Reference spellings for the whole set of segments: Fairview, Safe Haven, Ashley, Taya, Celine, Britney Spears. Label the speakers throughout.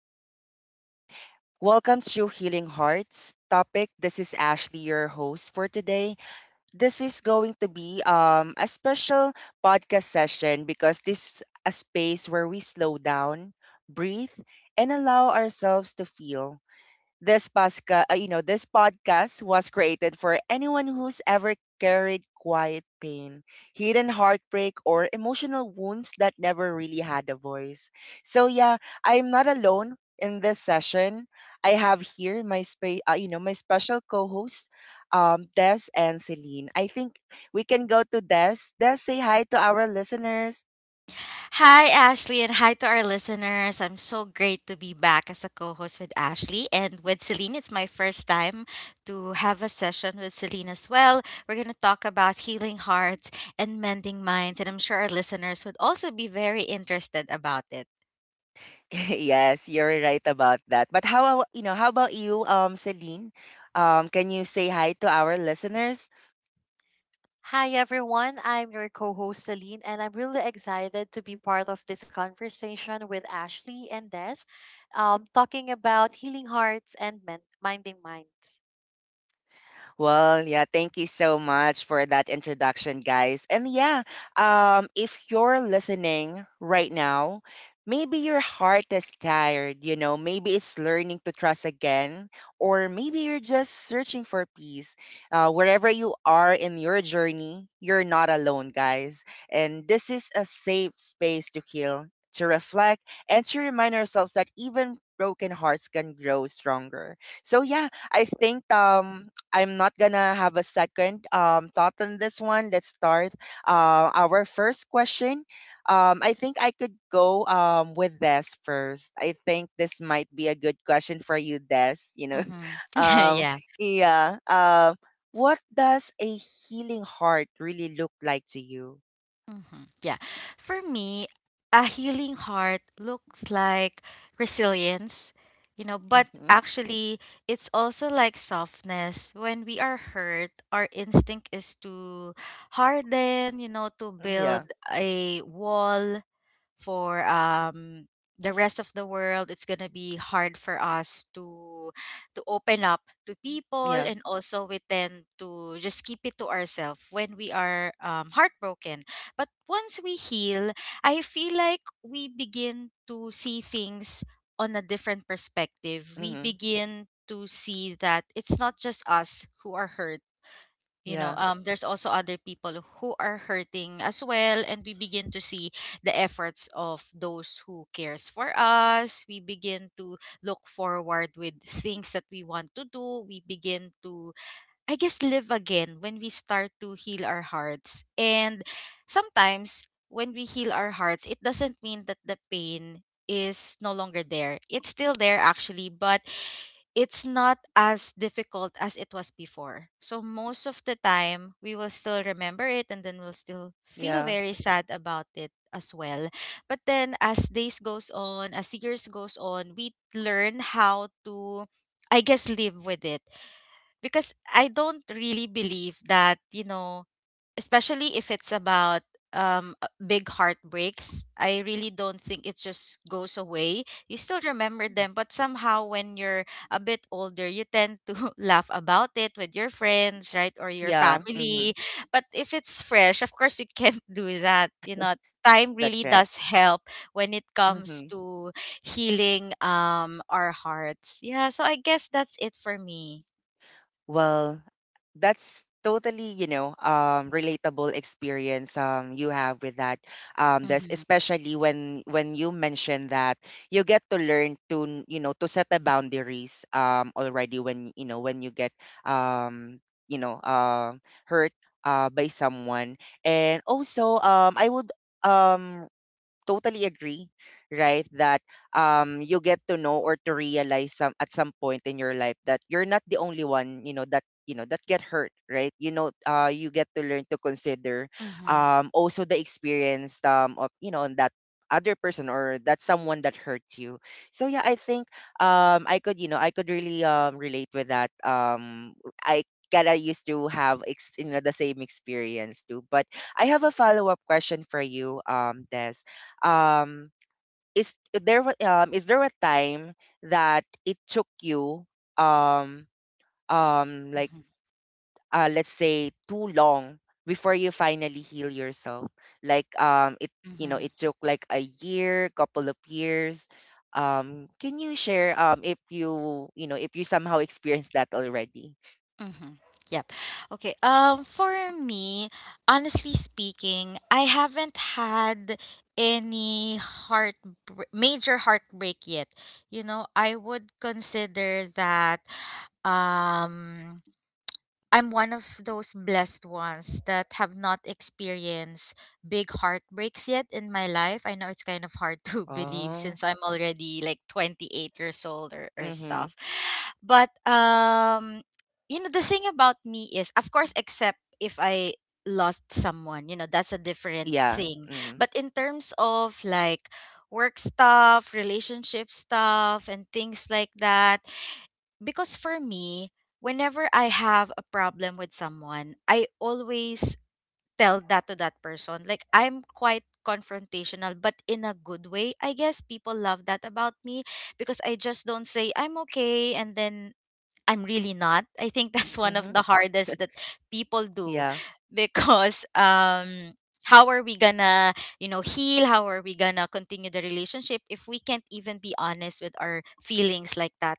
Speaker 1: Good morning. Welcome to Healing Hearts topic. This is Ashley, your host for today. This is going to be a special podcast session because this is a space where we slow down, breathe, and allow ourselves to feel. This pasca, you know, This podcast was created for anyone who's ever carried quiet pain, hidden heartbreak, or emotional wounds that never really had a voice. So yeah, I am not alone in this session. I have here my spa- you know, my special co-hosts, Des and Celine. I think we can go to Des. Des, say hi to our listeners.
Speaker 2: Hi, Ashley, and hi to our listeners. I'm so great to be back as a co host with Ashley and with Celine. It's my first time to have a session with Celine as well. We're going to talk about healing hearts and mending minds, and I'm sure our listeners would also be very interested about it.
Speaker 1: Yes, you're right about that. But how about you, Celine? Can you say hi to our listeners?
Speaker 3: Hi everyone, I'm your co host Celine, and I'm really excited to be part of this conversation with Ashley and Des, talking about healing hearts and minding minds.
Speaker 1: Well, yeah, thank you so much for that introduction, guys. And yeah, if you're listening right now, maybe your heart is tired, you know, maybe it's learning to trust again, or maybe you're just searching for peace. Wherever you are in your journey, you're not alone, guys. And this is a safe space to heal, to reflect, and to remind ourselves that even broken hearts can grow stronger. So yeah, I think I'm not gonna have a second thought on this one. Let's start our first question. I think I could go with Des first. I think this might be a good question for you, Des. You know,
Speaker 2: Mm-hmm.
Speaker 1: um,
Speaker 2: Yeah.
Speaker 1: yeah. Uh, what does a healing heart really look like to you?
Speaker 2: Mhm. Yeah. For me, a healing heart looks like resilience, you know, but
Speaker 1: Mm-hmm.
Speaker 2: actually, it's also like softness. When we are hurt, our instinct is to harden, you know, to
Speaker 1: Yeah,
Speaker 2: build a wall for the rest of the world. It's going to be hard for us to open up to people,
Speaker 1: yeah,
Speaker 2: and also we tend to just keep it to ourselves when we are heartbroken. But once we heal, I feel like we begin to see things on a different perspective. We
Speaker 1: mm-hmm,
Speaker 2: begin to see that it's not just us who are hurt, you know.
Speaker 1: yeah,
Speaker 2: There's also other people who are hurting as well, and we begin to see the efforts of those who cares for us. We begin to look forward with things that we want to do. We begin to, I guess, live again when we start to heal our hearts. And sometimes when we heal our hearts, it doesn't mean that the pain is no longer there. It's still there, actually, but it's not as difficult as it was before. So most of the time, we will still remember it and then we'll still feel
Speaker 1: yeah,
Speaker 2: very sad about it as well. But then as days goes on, as years goes on, we learn how to, I guess, live with it, because I don't really believe that, you know, especially if it's about big heartbreaks. I really don't think it just goes away. You still remember
Speaker 1: mm-hmm,
Speaker 2: them, but somehow when you're a bit older, you tend to laugh about it with your friends, right, or your
Speaker 1: yeah. Mm-hmm.
Speaker 2: family. But if it's fresh, of course you can't do that, you know. Time
Speaker 1: That's
Speaker 2: really
Speaker 1: right.
Speaker 2: does help when it comes
Speaker 1: Mm-hmm.
Speaker 2: to healing our hearts. Yeah, so I guess that's it for me.
Speaker 1: Well, that's totally, you know, relatable experience you have with that. That's
Speaker 2: Mm-hmm.
Speaker 1: especially when you mention that you get to learn to, to set the boundaries already when you get um, you know uh, hurt by someone, and also I would um totally agree, right? That you get to know or to realize some at some point in your life that you're not the only one, you know that get hurt, right? You know, you get to learn to consider
Speaker 2: Mm-hmm.
Speaker 1: also the experience of you know that other person or that someone that hurt you. So yeah, I think I could you know I could really relate with that. I kinda used to have the same experience too, but I have a follow up question for you, Des, um is is there a time that it took you um like
Speaker 2: Mm-hmm.
Speaker 1: let's say too long before you finally heal yourself like it you know
Speaker 2: Mm-hmm.
Speaker 1: it took like a year, couple of years. Can you share if you, you know if you somehow experienced that already?
Speaker 2: Mm-hmm. Yep. Okay. For me, honestly speaking, I haven't had any heart major heartbreak yet. You know, I would consider that um I'm one of those blessed ones that have not experienced big heartbreaks yet in my life. I know it's kind of hard to believe
Speaker 1: Oh,
Speaker 2: since I'm already like 28 years old or
Speaker 1: mhm,
Speaker 2: stuff. But you know, the thing about me is, of course, except if I lost someone, you know, that's a different
Speaker 1: yeah,
Speaker 2: thing.
Speaker 1: mhm,
Speaker 2: But in terms of like work stuff, relationship stuff and things like that, because for me, whenever I have a problem with someone, I always tell that to that person. Like I'm quite confrontational, but in a good way. I guess people love that about me, because I just don't say I'm okay and then I'm really not. I think that's one of
Speaker 1: mhm,
Speaker 2: the hardest that people do,
Speaker 1: yeah,
Speaker 2: because how are we gonna, you know, heal? How are we gonna continue the relationship if we can't even be honest with our feelings like that?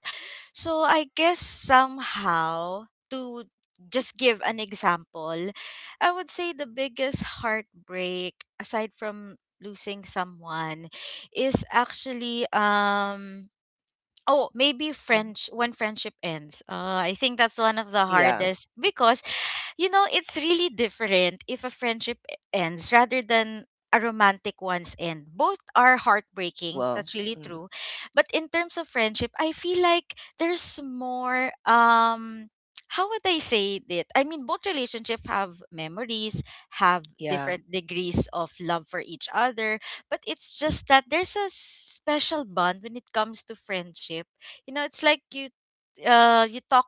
Speaker 2: So I guess somehow, to just give an example, I would say the biggest heartbreak aside from losing someone is actually oh, maybe
Speaker 1: mhm.
Speaker 2: French when friendship ends. I think that's one of the
Speaker 1: Yeah.
Speaker 2: hardest, because you know, it's really different if a ends rather than a romantic one's end. Both are heartbreaking.
Speaker 1: Well,
Speaker 2: That's really
Speaker 1: mhm.
Speaker 2: true. But in terms of friendship, I feel like there's more how would I say it? I mean, both relationships have memories, have
Speaker 1: Yeah,
Speaker 2: different degrees of love for each other, but it's just that there's a special bond when it comes to friendship. You know, it's like you talk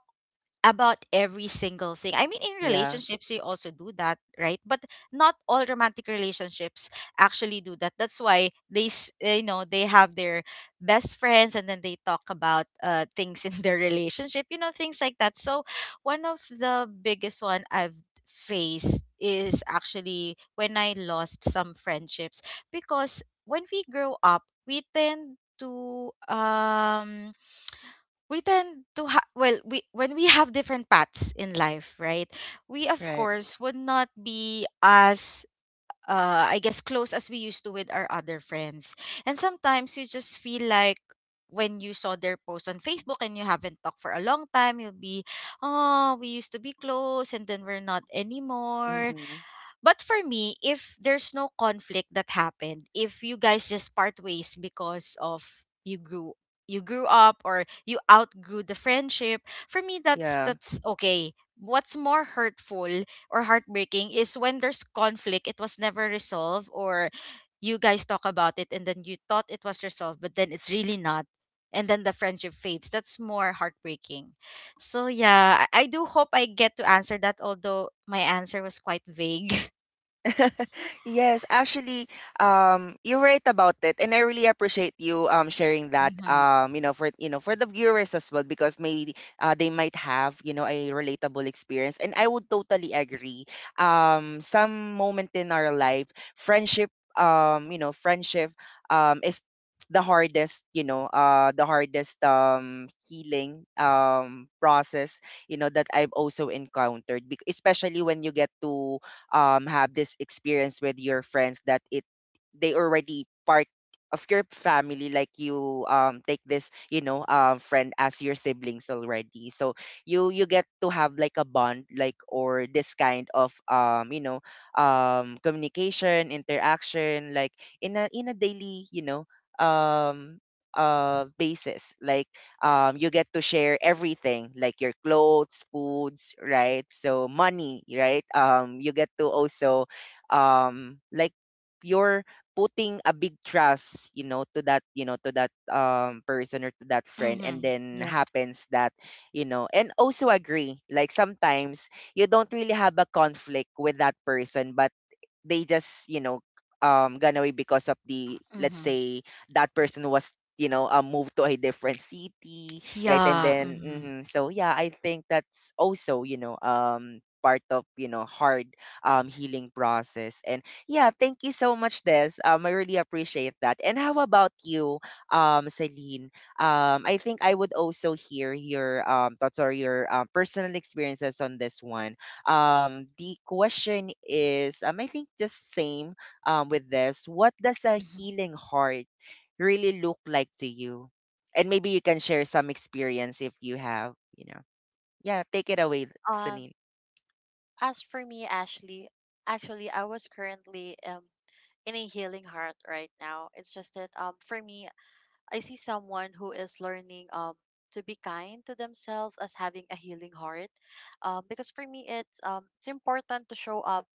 Speaker 2: about every single thing. I mean, in
Speaker 1: yeah,
Speaker 2: relationships, you also do that, right? But not all romantic relationships actually do that. That's why they, you know, they have their best friends, and then they talk about things in their relationship, you know, things like that. So one of the biggest one I've faced is actually when I lost some friendships, because when we grow up, we tend to ha- well we when we have different paths in life, right, we of
Speaker 1: right,
Speaker 2: course would not be as I guess close as we used to with our other friends. And sometimes you just feel like when you saw their post on Facebook and you haven't talked for a long time, you'll be, oh, we used to be close and then we're not anymore.
Speaker 1: mhm.
Speaker 2: But for me, if there's no conflict that happened, if you guys just part ways because of you grew you grew up or you outgrew the friendship, for me
Speaker 1: Yeah.
Speaker 2: that's okay. What's more hurtful or heartbreaking is when there's conflict, it was never resolved, or you guys talk about it and then you thought it was resolved, but then it's really not. And then the friendship fades. That's more heartbreaking. So yeah, I do hope I get to answer that, although my answer was quite vague.
Speaker 1: Yes, actually, you're right about it, and I really appreciate you sharing that
Speaker 2: Mhm.
Speaker 1: for you know for the viewers as well because maybe they might have you know a relatable experience, and I would totally agree. Some moment in our life, friendship, friendship, is the hardest, you know, the hardest healing process, you know, that I've also encountered, especially when you get to have this experience with your friends that it they already part of your family, like you take this you know friend as your siblings already. So you get to have like a bond like or this kind of communication, interaction, like in a daily you know um basis. You get to share everything like your clothes, foods, right? So money, right? You get to also um, like you're putting a big trust, you know, to that, you know, to that person or to that friend, and
Speaker 2: Mhm.
Speaker 1: then
Speaker 2: Yep.
Speaker 1: happens that, you know, and also agree. Like sometimes you don't really have a conflict with that person, but they just you know gone away because of the let's
Speaker 2: Mhm.
Speaker 1: say that person was moved to a different city, right? And
Speaker 2: Yeah.
Speaker 1: then
Speaker 2: Mhm.
Speaker 1: mhm. So yeah, I think that's also you know part of you know hard healing process. And yeah, thank you so much, Des. I really appreciate that. And how about you, Celine? I think I would also hear your thoughts or your personal experiences on this one. The question is, I think just same with this. What does a
Speaker 2: Mhm.
Speaker 1: healing heart really look like to you? And maybe you can share some experience if you have, you know. Yeah, take it away,
Speaker 3: Um,
Speaker 1: Celine.
Speaker 3: as for me, Ashley, I was currently in a healing heart right now. It's just that for me, I see someone who is learning to be kind to themselves as having a healing heart because for me it's important to show up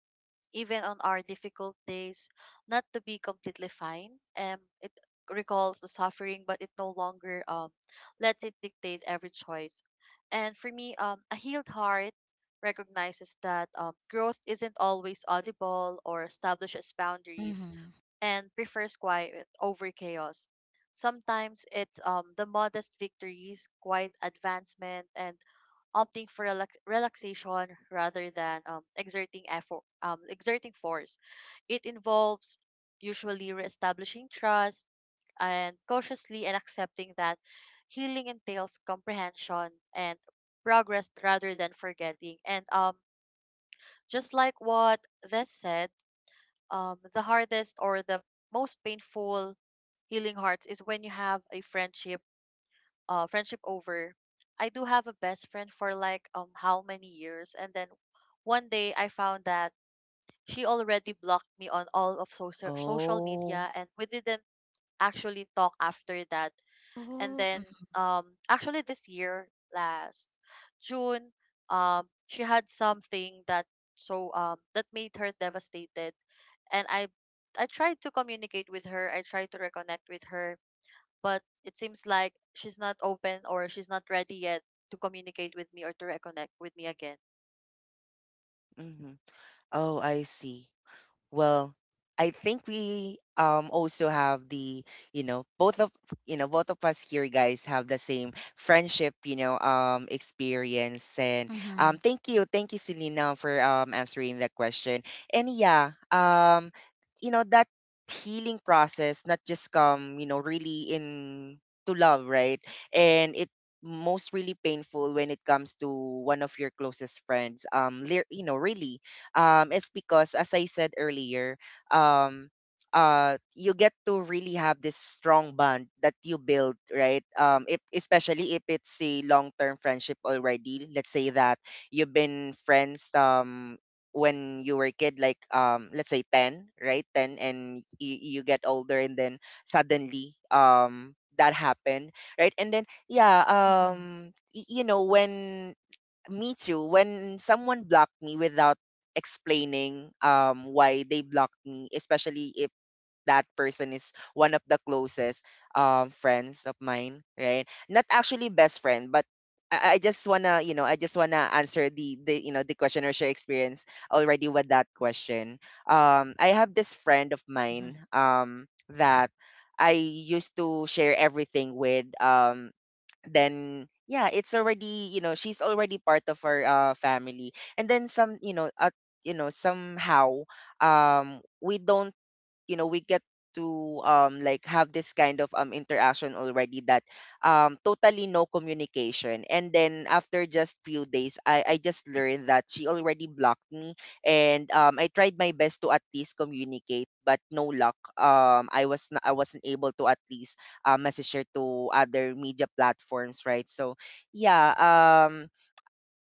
Speaker 3: even on our difficult days, not to be completely fine. It recalls the suffering, but it no longer lets it dictate every choice. And for me, a healed heart recognizes that growth isn't always audible or establishes boundaries
Speaker 2: Mhm.
Speaker 3: and prefers quiet over chaos. Sometimes it's the modest victories, quiet advancement, and opting for relaxation rather than exerting effort, exerting force. It involves usually reestablishing trust and cautiously and accepting that healing entails comprehension and progress rather than forgetting. And just like what Vess said, the hardest or the most painful healing hearts is when you have a friendship over. I do have a best friend for like how many years, and then one day I found that she already blocked me on all of social
Speaker 1: Oh.
Speaker 3: media, and we didn't actually talk after that. And
Speaker 2: Oh.
Speaker 3: then
Speaker 2: Mhm.
Speaker 3: actually this year last June she had something that made her devastated, and I tried to communicate with her. I tried to reconnect with her, but it seems like she's not open or she's not ready yet to communicate with me or to reconnect with me again.
Speaker 1: Hmm. Oh, I see. Well, I think we also have the, you know, both of us here guys have the same friendship, you know, experience. And
Speaker 2: Mhm.
Speaker 1: thank you Selena for answering that question. And yeah, you know that healing process not just come, you know, really in to love, right? And it most really painful when it comes to one of your closest friends really. It's because, as I said earlier, um, you get to really have this strong bond that you build, right? If, especially if it's a long term friendship already. Let's say that you've been friends when you were a kid, like let's say 10, right? 10, and you get older, and then suddenly that happened, right? And then yeah when me too. When someone blocked me without explaining why they blocked me, especially if that person is one of the closest friends of mine, right? Not actually best friend, but I just wanna, you know, I just wanna answer the you know the question or share experience already with that question. I have this friend of mine
Speaker 2: Mhm.
Speaker 1: that I used to share everything with then yeah it's already you know she's already part of our family, and then some somehow we don't you know we get to like have this kind of interaction already that totally no communication. And then after just few days I just learned that she already blocked me. And I tried my best to at least communicate, but no luck. I was not, I wasn't able to at least message her to other media platforms, right? So yeah um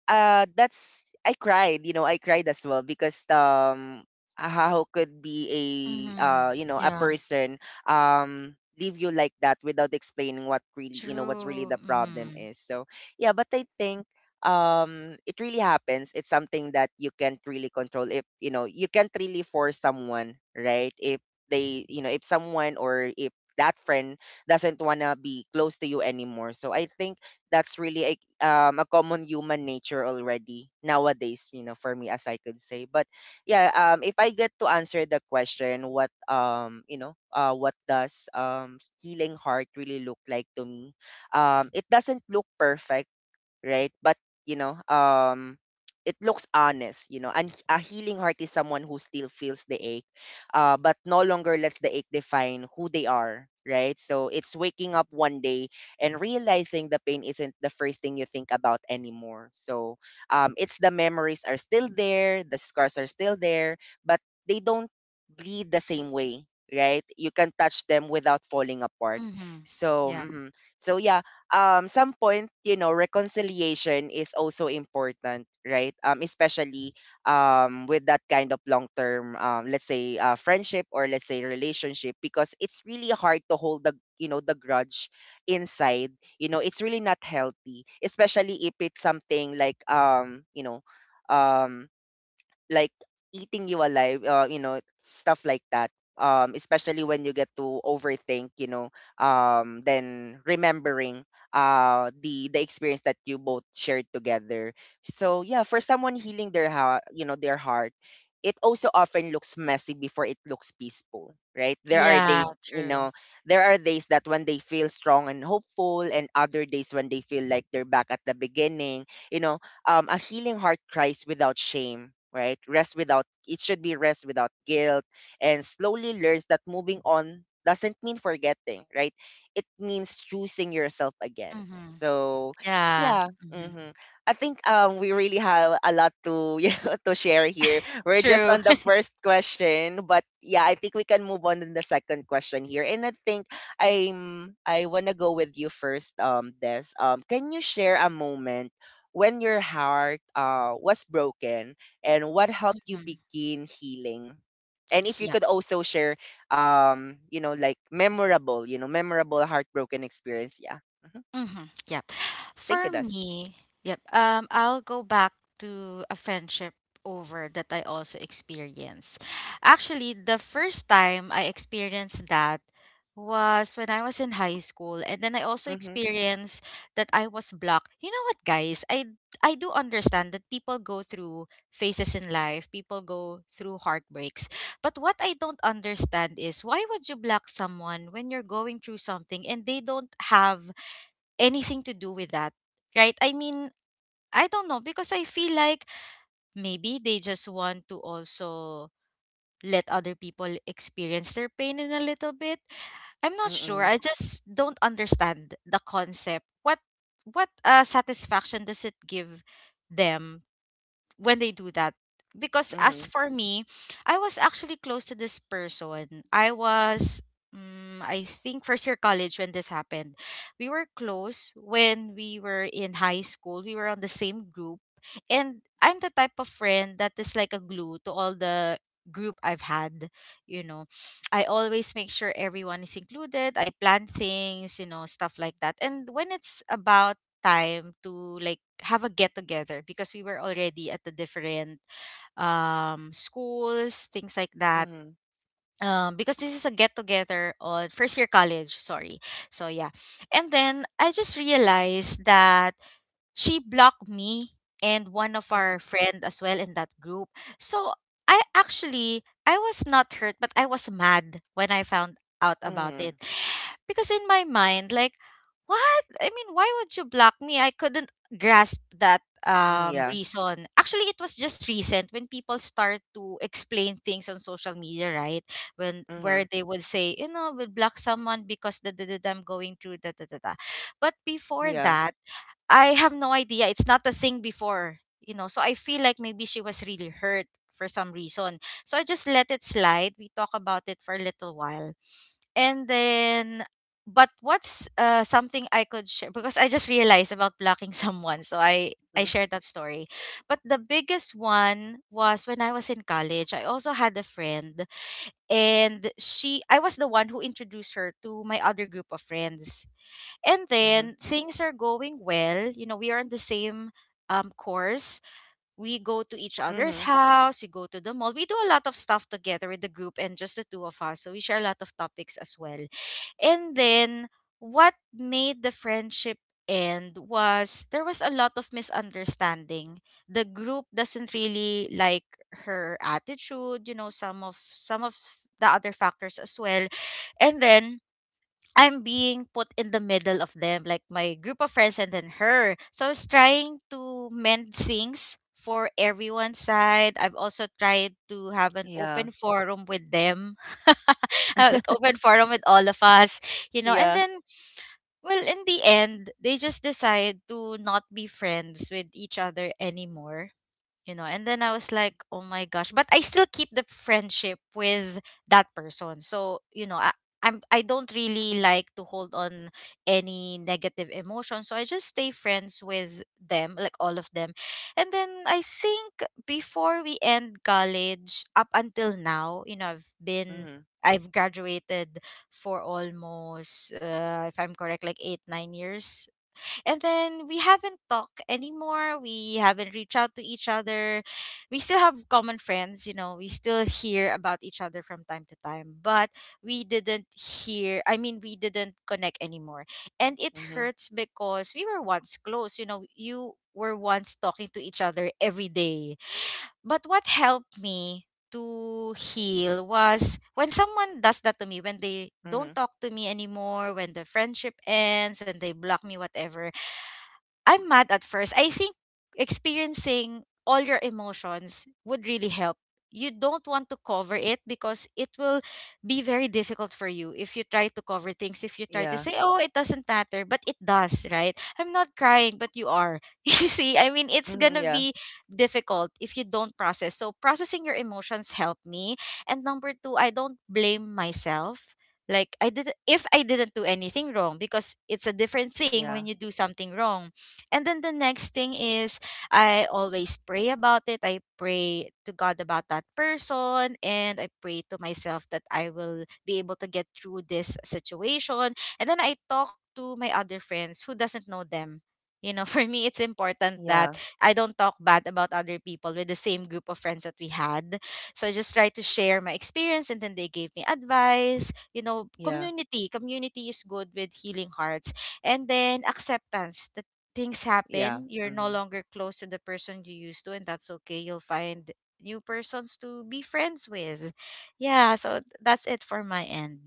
Speaker 1: uh that's, I cried, you know, I cried as well because how could be a
Speaker 2: Mhm.
Speaker 1: a
Speaker 2: Yeah.
Speaker 1: person leave you like that without explaining what really you know what's really
Speaker 2: True.
Speaker 1: the problem
Speaker 2: Mhm.
Speaker 1: is. So yeah, but I think it really happens. It's something that you can't really control, if you know you can't really force someone, right? If they you know if someone or if that friend doesn't wanna be close to you anymore. So I think that's really a common human nature already nowadays, you know, for me as I could say. But yeah if I get to answer the question what what does healing heart really look like to me, it doesn't look perfect, right? But you know, it looks honest, you know. And a healing heart is someone who still feels the ache, but no longer lets the ache define who they are, right? So it's waking up one day and realizing the pain isn't the first thing you think about anymore. So it's the memories are still there, the scars are still there, but they don't bleed the same way, right? You can touch them without falling apart.
Speaker 2: Mhm.
Speaker 1: So,
Speaker 2: Yeah.
Speaker 1: mhm. So yeah, some point you know reconciliation is also important, right? Especially with that kind of long term let's say friendship or let's say relationship, because it's really hard to hold the you know the grudge inside. You know, it's really not healthy, especially if it's something like um like eating you alive, you know, stuff like that. Especially when you get to overthink, you know, then remembering the experience that you both shared together. So yeah, for someone healing their heart, you know, their heart, it also often looks messy before it looks peaceful, right? There are
Speaker 2: Yeah.
Speaker 1: days, you
Speaker 2: True.
Speaker 1: know, there are days that when they feel strong and hopeful, and other days when they feel like they're back at the beginning. A healing heart cries without shame, right? Rest without it should be rest without guilt, and slowly learns that moving on doesn't mean forgetting, right? It means choosing yourself again.
Speaker 2: Mhm.
Speaker 1: so
Speaker 2: Yeah.
Speaker 1: yeah
Speaker 2: Mhm.
Speaker 1: hmm i think um we really have a lot to to share here. We're just on
Speaker 2: True.
Speaker 1: the first question, but yeah, I think we can move on to the second question here. And I think I'm I want to go with you first, um, Des. Can you share a moment when your heart was broken and what helped you
Speaker 2: Mhm.
Speaker 1: begin healing? And if you
Speaker 2: Yeah.
Speaker 1: could also share, you know, like memorable, memorable heartbroken experience. Yeah. hmm
Speaker 2: Mhm. Yep.
Speaker 1: Thank
Speaker 2: For
Speaker 1: you, Das.
Speaker 2: me, yep. I'll go back to a friendship over that I also experienced. Actually, the first time I experienced that was when I was in high school, and then I also
Speaker 1: Mm-hmm.
Speaker 2: experienced that I was blocked. You know what, guys? I do understand that people go through phases in life, people go through heartbreaks. But what I don't understand is, why would you block someone when you're going through something and they don't have anything to do with that, right? I mean, I don't know, because I feel like maybe they just want to also let other people experience their pain in a little bit. I'm not sure.
Speaker 1: Mm-mm.
Speaker 2: I just don't understand the concept. What satisfaction does it give them when they do that. Because as
Speaker 1: Mm-hmm.
Speaker 2: for me, I was actually close to this person. I was, I think, first year college when this happened. We were close when we were in high school. We were on the same group. And I'm the type of friend that is like a glue to all the group I've had. You know, I always make sure everyone is included. I plan things, you know, stuff like that. And when it's about time to, like, have a get together, because we were already at the different schools, things like that.
Speaker 1: Mm-hmm.
Speaker 2: Because this is a get together on first year college, sorry. So yeah. And then I just realized that she blocked me and one of our
Speaker 1: Mm-hmm.
Speaker 2: friend as well in that group. So I actually I was not hurt, but I was mad when I found out about
Speaker 1: Mm-hmm.
Speaker 2: it, because in my mind, like, what? I mean, why would you block me? I couldn't grasp that
Speaker 1: Mm, yeah.
Speaker 2: reason. Actually, it was just recent when people start to explain things on social media, right? When
Speaker 1: Mm-hmm.
Speaker 2: Where they would say, you know, we'll block someone because da da da da, I'm going through da da da da. But before
Speaker 1: Yeah.
Speaker 2: that, I have no idea. It's not a thing before, you know. So I feel like maybe she was really hurt for some reason. So I just let it slide. We talk about it for a little while, and then, but what's something I could share? Because I just realized about blocking someone, so I
Speaker 1: Mm-hmm.
Speaker 2: shared that story. But the biggest one was when I was in college. I also had a friend, and she I was the one who introduced her to my other group of friends. And
Speaker 1: Mm-hmm.
Speaker 2: then things are going well. You know, we are in the same course. We go to each other's
Speaker 1: Mm-hmm.
Speaker 2: house. We go to the mall. We do a lot of stuff together with the group and just the two of us. So we share a lot of topics as well. And then what made the friendship end was there was a lot of misunderstanding. The group doesn't really like her attitude, you know, some of the other factors as well. And then I'm being put in the middle of them, like my group of friends and then her. So I was trying to mend things for everyone's side. I've also tried to have an
Speaker 1: Yeah.
Speaker 2: open forum with them, uh, like open forum with all of us, you know. And
Speaker 1: Yeah.
Speaker 2: then, well, in the end, they just decide to not be friends with each other anymore, you know. And then I was like, oh my gosh, but I still keep the friendship with that person. So, I don't really like to hold on any negative emotion. So I just stay friends with them, like all of them. And then I think before we end college, up until now,
Speaker 1: Mm-hmm.
Speaker 2: I've graduated for almost, if I'm correct, like 8 or 9 years, and then we haven't talked anymore. We haven't reached out to each other. We still have common friends. We still hear about each other from time to time, but we didn't hear, I mean, we didn't connect anymore. And it
Speaker 1: Mm-hmm.
Speaker 2: hurts because we were once close, you know. You were once talking to each other every day. But what helped me to heal was, when someone does that to me, when they don't
Speaker 1: Mm-hmm.
Speaker 2: talk to me anymore, when the friendship ends, when they block me, whatever, I'm mad at first. I think experiencing all your emotions would really help. You don't want to cover it because it will be very difficult for you if you try to cover things, if you try to
Speaker 1: Yeah.
Speaker 2: say, oh, it doesn't matter, but it does, right? I'm not crying, but you are. You see, I mean, it's
Speaker 1: Mm-hmm.
Speaker 2: gonna
Speaker 1: Yeah.
Speaker 2: be difficult if you don't process. So, processing your emotions helped me. And number two, I don't blame myself like I did, if I didn't do anything wrong, because it's a different thing when
Speaker 1: Yeah.
Speaker 2: you do something wrong. And then the next thing is, I always pray about it. I pray to God about that person, and I pray to myself that I will be able to get through this situation. And then I talk to my other friends who doesn't know them. For me it's important that
Speaker 1: Yeah.
Speaker 2: I don't talk bad about other people with the same group of friends that we had. So I just try to share my experience, and then they gave me advice. You know,
Speaker 1: Yeah.
Speaker 2: community. Community is good with healing hearts. And then acceptance. Things
Speaker 1: Yeah.
Speaker 2: happen, you're no
Speaker 1: Mm-hmm.
Speaker 2: longer close to the person you used to, and that's okay. You'll find new persons to be friends with. Yeah. So that's it for my end.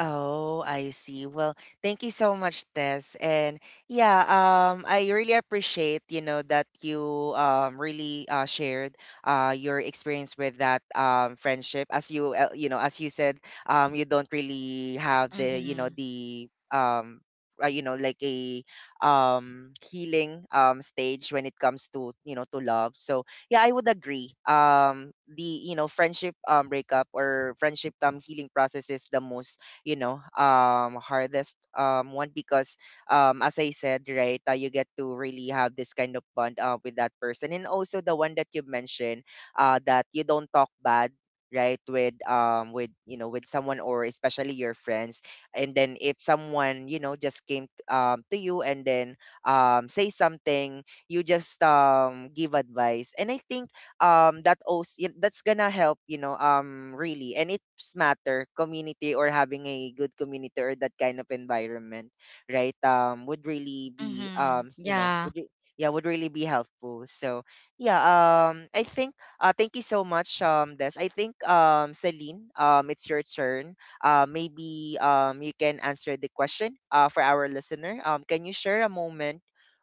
Speaker 1: Oh, I see. Well, thank you so much, Tess. And yeah, I really appreciate, that you really shared your experience with that friendship. As you you know, as you said, you don't really have the, you know,
Speaker 2: Mm-hmm.
Speaker 1: the you know, like a healing stage when it comes to, you know, to love. So yeah, I would agree, the, you know, friendship breakup or friendship healing process is the most, you know, hardest one, because as I said, right, you get to really have this kind of bond with that person. And also the one that you mentioned, that you don't talk bad, right, with, with, you know, with someone, or especially your friends. And then if someone, you know, just came to you and then say something, you just give advice. And I think that OC, that's gonna help, you know, really. And it's matter community, or having a good community or that kind of environment, right? Would really be
Speaker 2: Mm-hmm.
Speaker 1: you know,
Speaker 2: Yeah.
Speaker 1: yeah, would really be helpful. So yeah. I think, thank you so much, Des. I think, Celine, it's your turn. Maybe you can answer the question, for our listener. Can you share a moment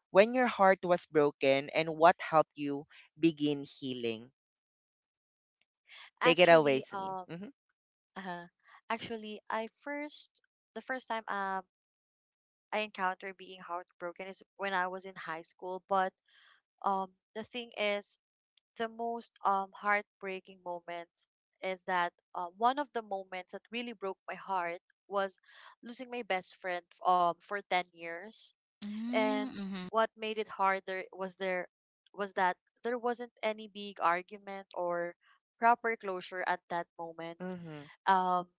Speaker 1: when your heart was broken, and what helped you begin healing? Take it away,
Speaker 3: Actually,
Speaker 1: Celine. Mm-hmm.
Speaker 3: uh, actually, I first the first time I encountered being heartbroken is when I was in high school. But um, the thing is, the most heartbreaking moments is that one of the moments that really broke my heart was losing my best friend for 10 years. And
Speaker 2: Mm-hmm.
Speaker 3: what made it harder was there was that there wasn't any big argument or proper closure at that moment.
Speaker 1: Mm-hmm.
Speaker 3: Um,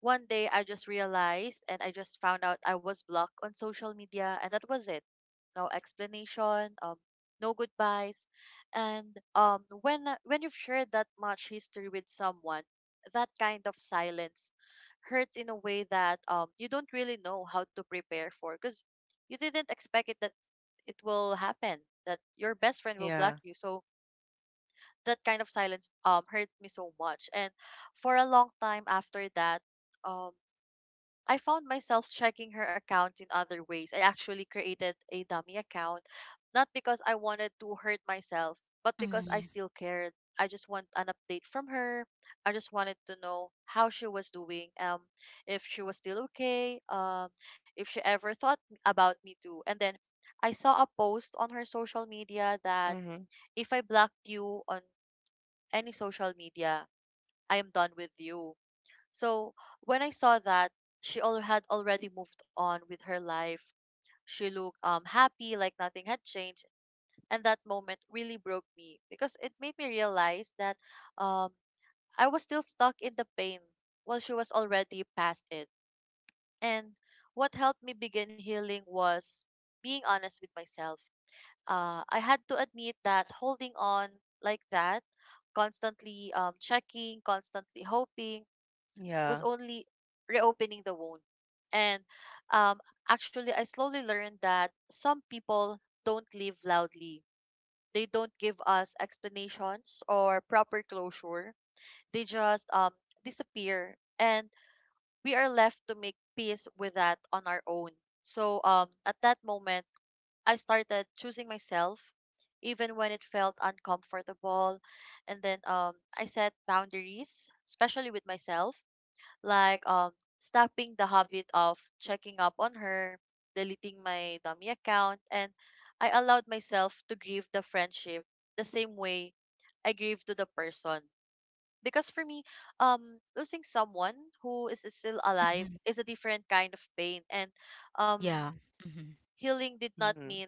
Speaker 3: one day I just realized and I just found out I was blocked on social media, and that was it. No explanation, no goodbyes, and when you've shared that much history with someone, that kind of silence hurts in a way that you don't really know how to prepare for because you didn't expect it that it will happen, that your best friend will block
Speaker 1: Yeah.
Speaker 3: you. So that kind of silence hurt me so much. And for a long time after that, um I found myself checking her account in other ways. I actually created a dummy account, not because I wanted to hurt myself, but because I
Speaker 2: Mm-hmm.
Speaker 3: still cared. I just want an update from her. I just wanted to know how she was doing, if she was still okay, if she ever thought about me too. And then I saw a post on her social media that
Speaker 1: Mm-hmm.
Speaker 3: if I blocked you on any social media, I am done with you. So when I saw that she all had already moved on with her life, she looked happy, like nothing had changed, and that moment really broke me because it made me realize that um I was still stuck in the pain while she was already past it. And what helped me begin healing was being honest with myself. I had to admit that holding on like that, constantly checking, constantly hoping, was
Speaker 1: Yeah.
Speaker 3: only reopening the wound. And um, actually, I slowly learned that some people don't live loudly. They don't give us explanations or proper closure. They just disappear, and we are left to make peace with that on our own. So at that moment, I started choosing myself, even when it felt uncomfortable. And then I set boundaries, especially with myself, like stopping the habit of checking up on her, deleting my dummy account, and I allowed myself to grieve the friendship the same way I grieve to the person. Because for me, losing someone who is still alive
Speaker 2: Mm-hmm.
Speaker 3: is a different kind of pain, and um,
Speaker 2: Yeah. Mm-hmm.
Speaker 3: healing did not
Speaker 1: Mm-hmm.
Speaker 3: mean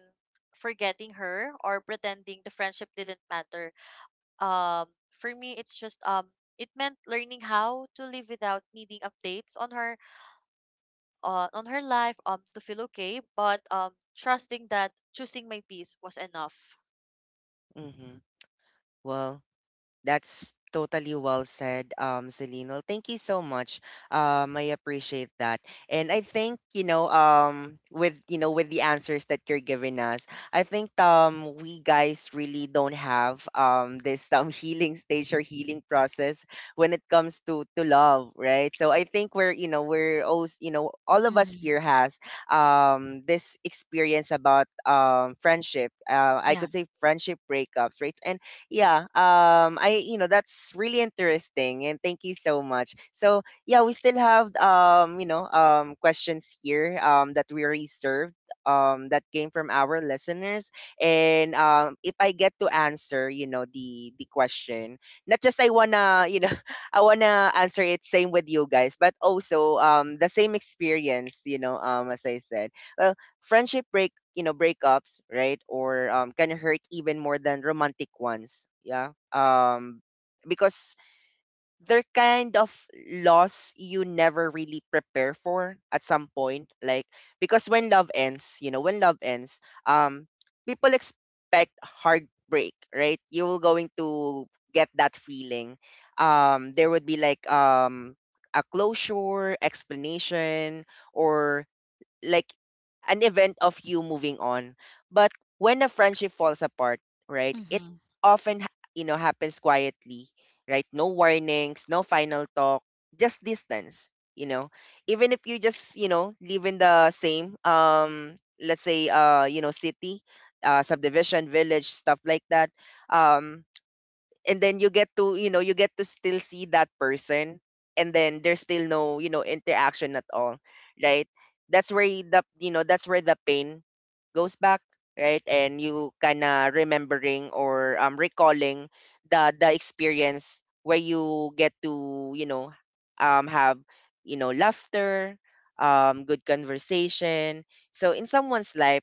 Speaker 3: forgetting her or pretending the friendship didn't matter. Um, for me, it meant learning how to live without needing updates on her on her life to feel okay, but trusting that choosing my peace was enough.
Speaker 1: Mm-hmm. Well, that's totally well said, Celine. Well, thank you so much. I appreciate that. And I think, you know, with, you know, with the answers that you're giving us, I think we guys really don't have this healing stage or healing process when it comes to love, right? So I think we're, you know, we're all, you know, all of us
Speaker 2: Mm-hmm.
Speaker 1: here has this experience about friendship. I
Speaker 2: Yeah.
Speaker 1: could say friendship breakups, right? Yeah. I that's really interesting, and thank you so much. So yeah, we still have, you know, questions here that we reserved, that came from our listeners. And if I get to answer, you know, the question, not just I wanna, you know, I wanna answer it same with you guys, but also the same experience, you know, as I said. Well, friendship break, you know, breakups, right, or can hurt even more than romantic ones. Yeah. Because they're kind of loss you never really prepare for at some point, like, because when love ends, you know, when love ends, um people expect heartbreak, right? You will going to get that feeling. There would be like a closure, explanation, or like an event of you moving on. But when a friendship falls apart, right, it
Speaker 2: Mm-hmm.
Speaker 1: often you know, happens quietly, right? No warnings, no final talk, just distance. You know, even if you just, you know, live in the same let's say you know, city, subdivision, village, stuff like that. Um, and then you get to, you know, you get to still see that person, and then there's still no, you know, interaction at all, right? That's where y- the you know, that's where the pain goes back, right? And you kind of remembering, or recalling the experience where you get to, you know, have, you know, laughter, good conversation. So in someone's life,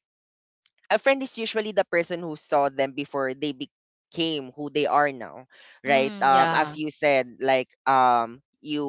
Speaker 1: a friend is usually the person who saw them before they became who they are now, right?
Speaker 2: Mm,
Speaker 1: As
Speaker 2: yeah.
Speaker 1: you said, like, you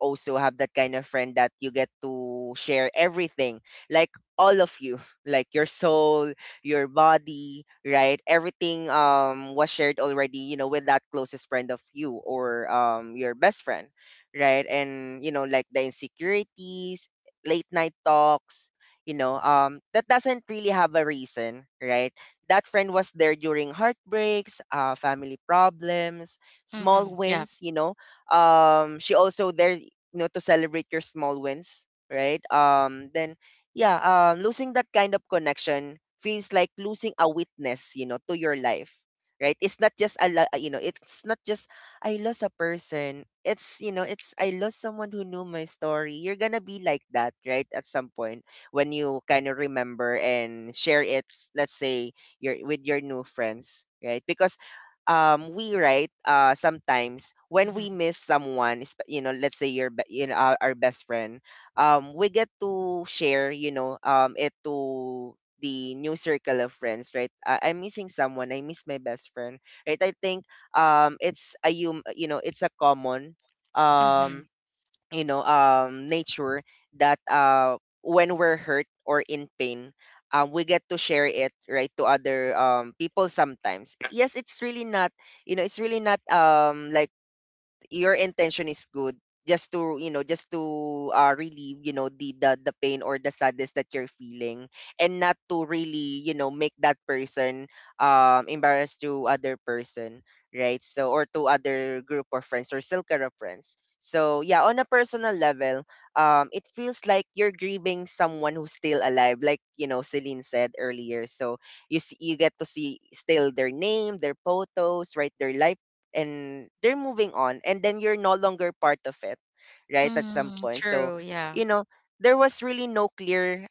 Speaker 1: also have that kind of friend that you get to share everything, like all of you, like your soul, your body, right? Everything was shared already, you know, with that closest friend of you, or your best friend, right? And you know, like the insecurities, late night talks, you know, that doesn't really have a reason, right? That friend was there during heartbreaks, family problems, small
Speaker 2: Mm-hmm. Yeah.
Speaker 1: wins, you know, she also there, you know, to celebrate your small wins, right? Then yeah, losing that kind of connection feels like losing a witness, you know, to your life, right? It's not just a you know, it's not just I lost a person. It's, you know, it's I lost someone who knew my story. You're gonna be like that, right, at some point when you kind of remember and share it, let's say your with your new friends, right? Because we, right, sometimes when we
Speaker 2: Mm-hmm.
Speaker 1: miss someone, you know, let's say your you know, our best friend, we get to share, you know, it to the new circle of friends, right? Uh, I'm missing someone, I miss my best friend, right? I think it's a you know, it's a common um
Speaker 2: Mm-hmm.
Speaker 1: you know, nature that when we're hurt or in pain, we get to share it, right, to other people. Sometimes, yes, it's really not, you know, it's really not like your intention is good, just to, you know, just to, relieve, you know, the pain or the sadness that you're feeling, and not to really, you know, make that person embarrassed to other person, right? So, or to other group of friends or circle of friends. So yeah, on a personal level, it feels like you're grieving someone who's still alive, like, you know, Celine said earlier. So, you see, you get to see still their name, their photos, right, their life, and they're moving on, and then you're no longer part of it, right, at some
Speaker 2: Mm,
Speaker 1: point. So,
Speaker 2: true. Yeah.
Speaker 1: you know, there was really no clear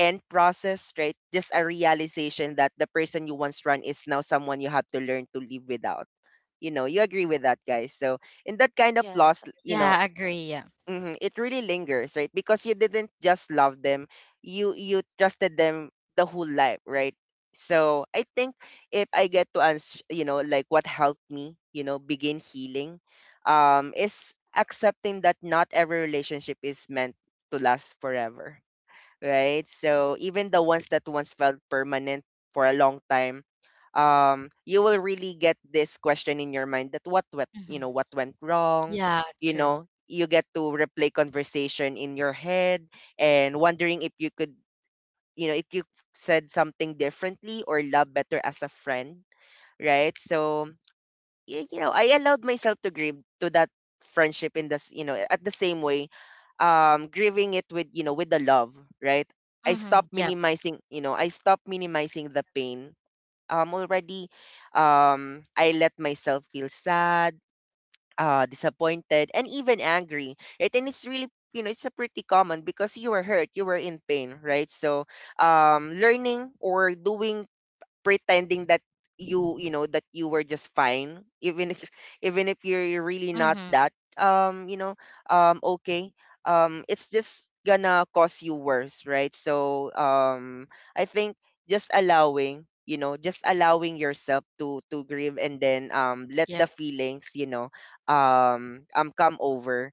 Speaker 1: end process, right? Just a realization that the person you once run is now someone you have to learn to live without. You know, you agree with that, guys? So in that kind of
Speaker 3: Yes.
Speaker 1: loss, you know,
Speaker 2: Yeah, agree. Yeah.
Speaker 1: mhm, it really lingers, right? Because you didn't just love them, you trusted them the whole life, right? So I think if I get to answer, you know, like what helped me, you know, begin healing, is accepting that not every relationship is meant to last forever, right? So even the ones that once felt permanent for a long time, you will really get this question in your mind that what went, you
Speaker 2: Mm-hmm.
Speaker 1: know, what went wrong.
Speaker 2: Yeah,
Speaker 1: You
Speaker 2: true.
Speaker 1: know, you get to replay conversation in your head and wondering if you could, you know, if you said something differently, or love better as a friend, right? So, you know, I allowed myself to grieve to that friendship in this, you know, at the same way, grieving it with, you know, with the love, right? I
Speaker 2: Mm-hmm.
Speaker 1: stopped
Speaker 2: Yep.
Speaker 1: minimizing, you know, I stopped minimizing the pain. Already, I let myself feel sad, disappointed, and even angry, right? And it's really, you know, it's a pretty common because you were hurt, you were in pain, right? So, learning or doing pretending that you know that you were just fine even if you're really not
Speaker 2: Mm-hmm.
Speaker 1: that okay, it's just gonna cause you worse, right? So, I think just allowing yourself to grieve and then let the
Speaker 2: Yep.
Speaker 1: feelings, come over.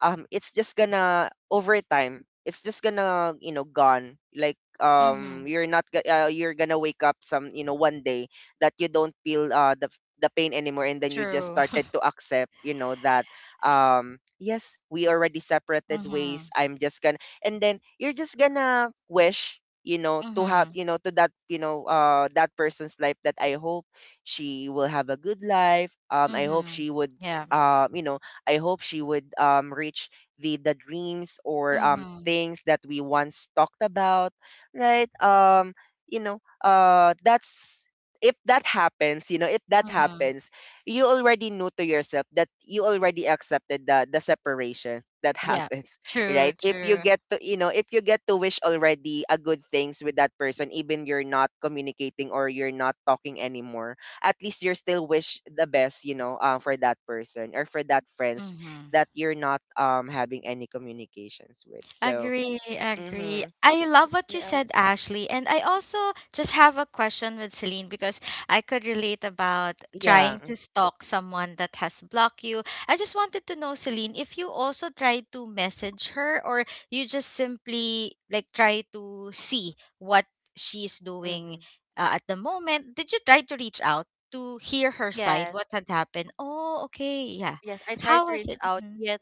Speaker 1: It's just gonna over time, it's just gonna, you know, gone like,
Speaker 2: Mm-hmm.
Speaker 1: you're not go- you're gonna wake up some, you know, one day that you don't feel the pain anymore, and then you just
Speaker 2: True.
Speaker 1: started to accept, you know, that, yes, we already separated ways.
Speaker 2: Mhm.
Speaker 1: I'm just gonna. And then you're just gonna wish, you know, to have,
Speaker 2: Mhm.
Speaker 1: you know, to that, you know, that person's life, that I hope she will have a good life. I hope
Speaker 2: Mhm.
Speaker 1: she would,
Speaker 2: Yeah.
Speaker 1: um you know I hope she would, reach the dreams or,
Speaker 2: Mhm.
Speaker 1: things that we once talked about, right? You know, that's If that happens, you know, if that
Speaker 2: Mhm.
Speaker 1: happens, you already know to yourself that you already accepted the separation that
Speaker 2: Yeah.
Speaker 1: happens, right?
Speaker 2: True,
Speaker 1: If you
Speaker 2: true.
Speaker 1: get to, you know, if you get to wish already a good things with that person, even you're not communicating or you're not talking anymore, at least you're still wish the best, you know, for that person or for that friends
Speaker 2: Mhm.
Speaker 1: that you're not having any communications with. So,
Speaker 2: Agree, agree.
Speaker 1: mm-hmm,
Speaker 2: I love what you
Speaker 3: Yeah,
Speaker 2: said, Ashley. And I also just have a question with Celine, because I could relate about
Speaker 1: yeah,
Speaker 2: trying to stalk someone that has blocked you. I just wanted to know, Celine, if you also try to message her, or you just simply like try to see what she's doing,
Speaker 1: mm-hmm,
Speaker 2: at the moment. Did you try to reach out to hear her side,
Speaker 3: yes.
Speaker 2: what had happened? Oh, okay. Yeah.
Speaker 3: Yes, I tried
Speaker 2: How
Speaker 3: to
Speaker 2: was
Speaker 3: reach
Speaker 2: it?
Speaker 3: out,
Speaker 2: Mm-hmm.
Speaker 3: yet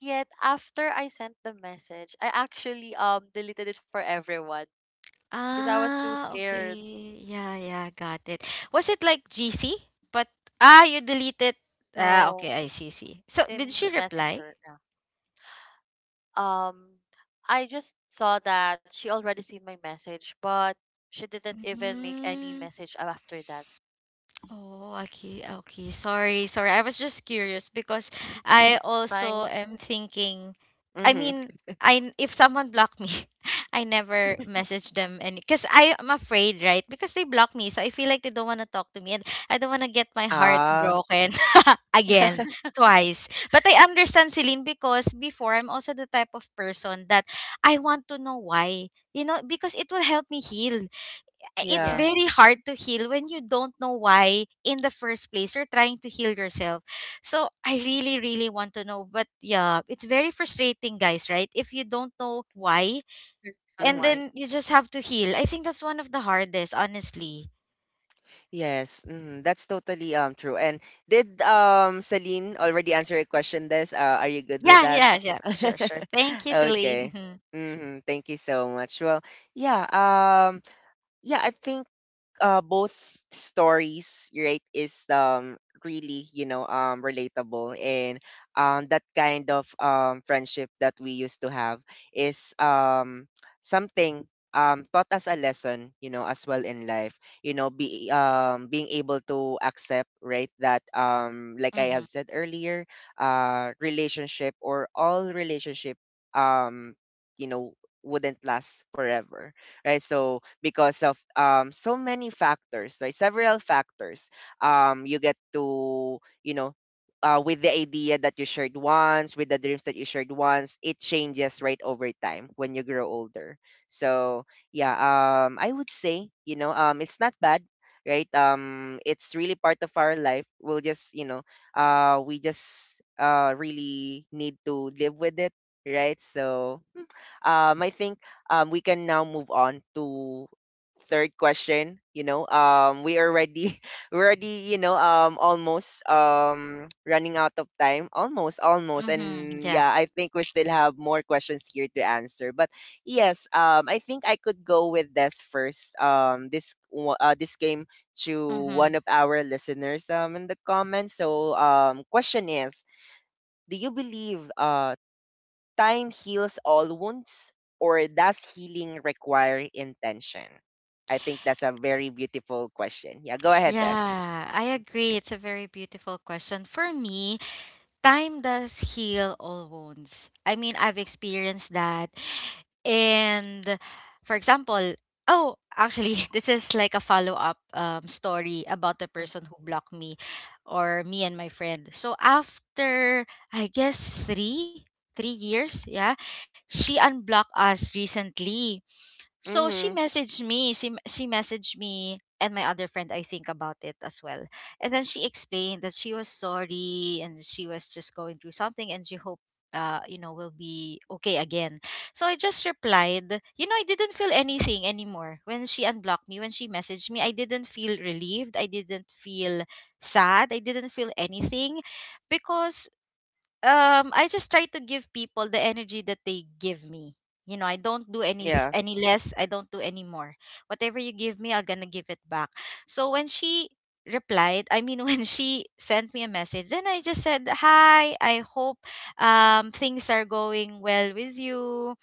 Speaker 3: after I sent the message, I actually deleted it for everyone because I was too
Speaker 2: Ah,
Speaker 3: scared.
Speaker 2: okay. Yeah, yeah, got it. Was it like GC? But ah, you deleted. Ah,
Speaker 3: No.
Speaker 2: okay, I see, see. So,
Speaker 3: In
Speaker 2: did she reply?
Speaker 3: messenger, yeah. Um, I just saw that she already seen my message, but she didn't even make any
Speaker 2: Mm.
Speaker 3: message after that.
Speaker 2: Oh, okay, okay. Sorry, sorry. I was just curious because I also
Speaker 3: Fine.
Speaker 2: am thinking. I
Speaker 1: mm-hmm,
Speaker 2: mean, I if someone blocked me, I never message them, and because I am afraid, right? Because they block me, so I feel like they don't want to talk to me, and I don't want to get my heart
Speaker 1: ah,
Speaker 2: broken again, twice. But I understand Celine, because before I'm also the type of person that I want to know why. You know, because it will help me heal. It's
Speaker 1: yeah,
Speaker 2: very
Speaker 3: Yes,
Speaker 2: hard to heal when you don't know why in the first place you're trying to heal yourself. So I really, really want to know. But yeah, it's very frustrating, guys, right? If you don't know why,
Speaker 3: the
Speaker 2: and
Speaker 3: reason
Speaker 1: mm-hmm.
Speaker 2: then
Speaker 3: why.
Speaker 2: you just have to heal. I think that's one of the hardest, honestly.
Speaker 1: Yes, mm-hmm. That's totally true. And did Celine already answer your question? This are you good with
Speaker 2: Yeah,
Speaker 1: that?
Speaker 2: yeah, yeah. Sure, sure. Thank you, Celine.
Speaker 1: Okay.
Speaker 2: Hmm.
Speaker 1: Mm-hmm. Thank you so much. Well, yeah. Um. Yeah, I think both stories, right, is really, you know, relatable, and that kind of friendship that we used to have is something taught us a lesson, you know, as well in life, you know, be being able to accept, right, that like I
Speaker 2: Hmm.
Speaker 1: have said earlier, relationship or all relationship, um you know, wouldn't last forever, right? So because of so many factors, right? Several factors, you get to, you know. With the idea that you shared once, with the dreams that you shared once, it changes right over time when you grow older. So yeah, I would say, you know, it's not bad, right? It's really part of our life. We'll just, you know, we just really need to live with it, right? So, I think we can now move on to third question. You know, we already we're already, you know, almost running out of time. Almost, almost,
Speaker 2: Hmm.
Speaker 1: and
Speaker 2: Yeah.
Speaker 1: yeah, I think we still have more questions here to answer. But yes, I think I could go with this first. This this came to
Speaker 2: Hmm.
Speaker 1: one of our listeners in the comments. So question is, do you believe time heals all wounds, or does healing require intention? I think that's a very beautiful question. Yeah, go ahead, Des.
Speaker 2: Yeah, I agree. It's a very beautiful question. For me, time does heal all wounds. I mean, I've experienced that. And for example, oh, actually, this is like a follow up story about the
Speaker 1: Mm-hmm,
Speaker 2: person who blocked me, or me and my friend. So after, I guess, three, 3 years, yeah, she unblocked us recently, so she
Speaker 1: hmm,
Speaker 2: messaged me. She messaged me and my other friend. I think about it as well. And then she explained that she was sorry, and she was just going through something, and she hoped you know will be okay again. So I just replied, I didn't feel anything anymore when she unblocked me. When she messaged me, I didn't feel relieved. I didn't feel sad. I didn't feel anything, because I just try to give people the energy that they give me. You know, I don't do any
Speaker 1: yeah,
Speaker 2: any less. I don't do any more. Whatever you give me, I'm gonna give it back. So when she replied, I mean, when she sent me a message, then I just said, "Hi, I hope things are going well with you,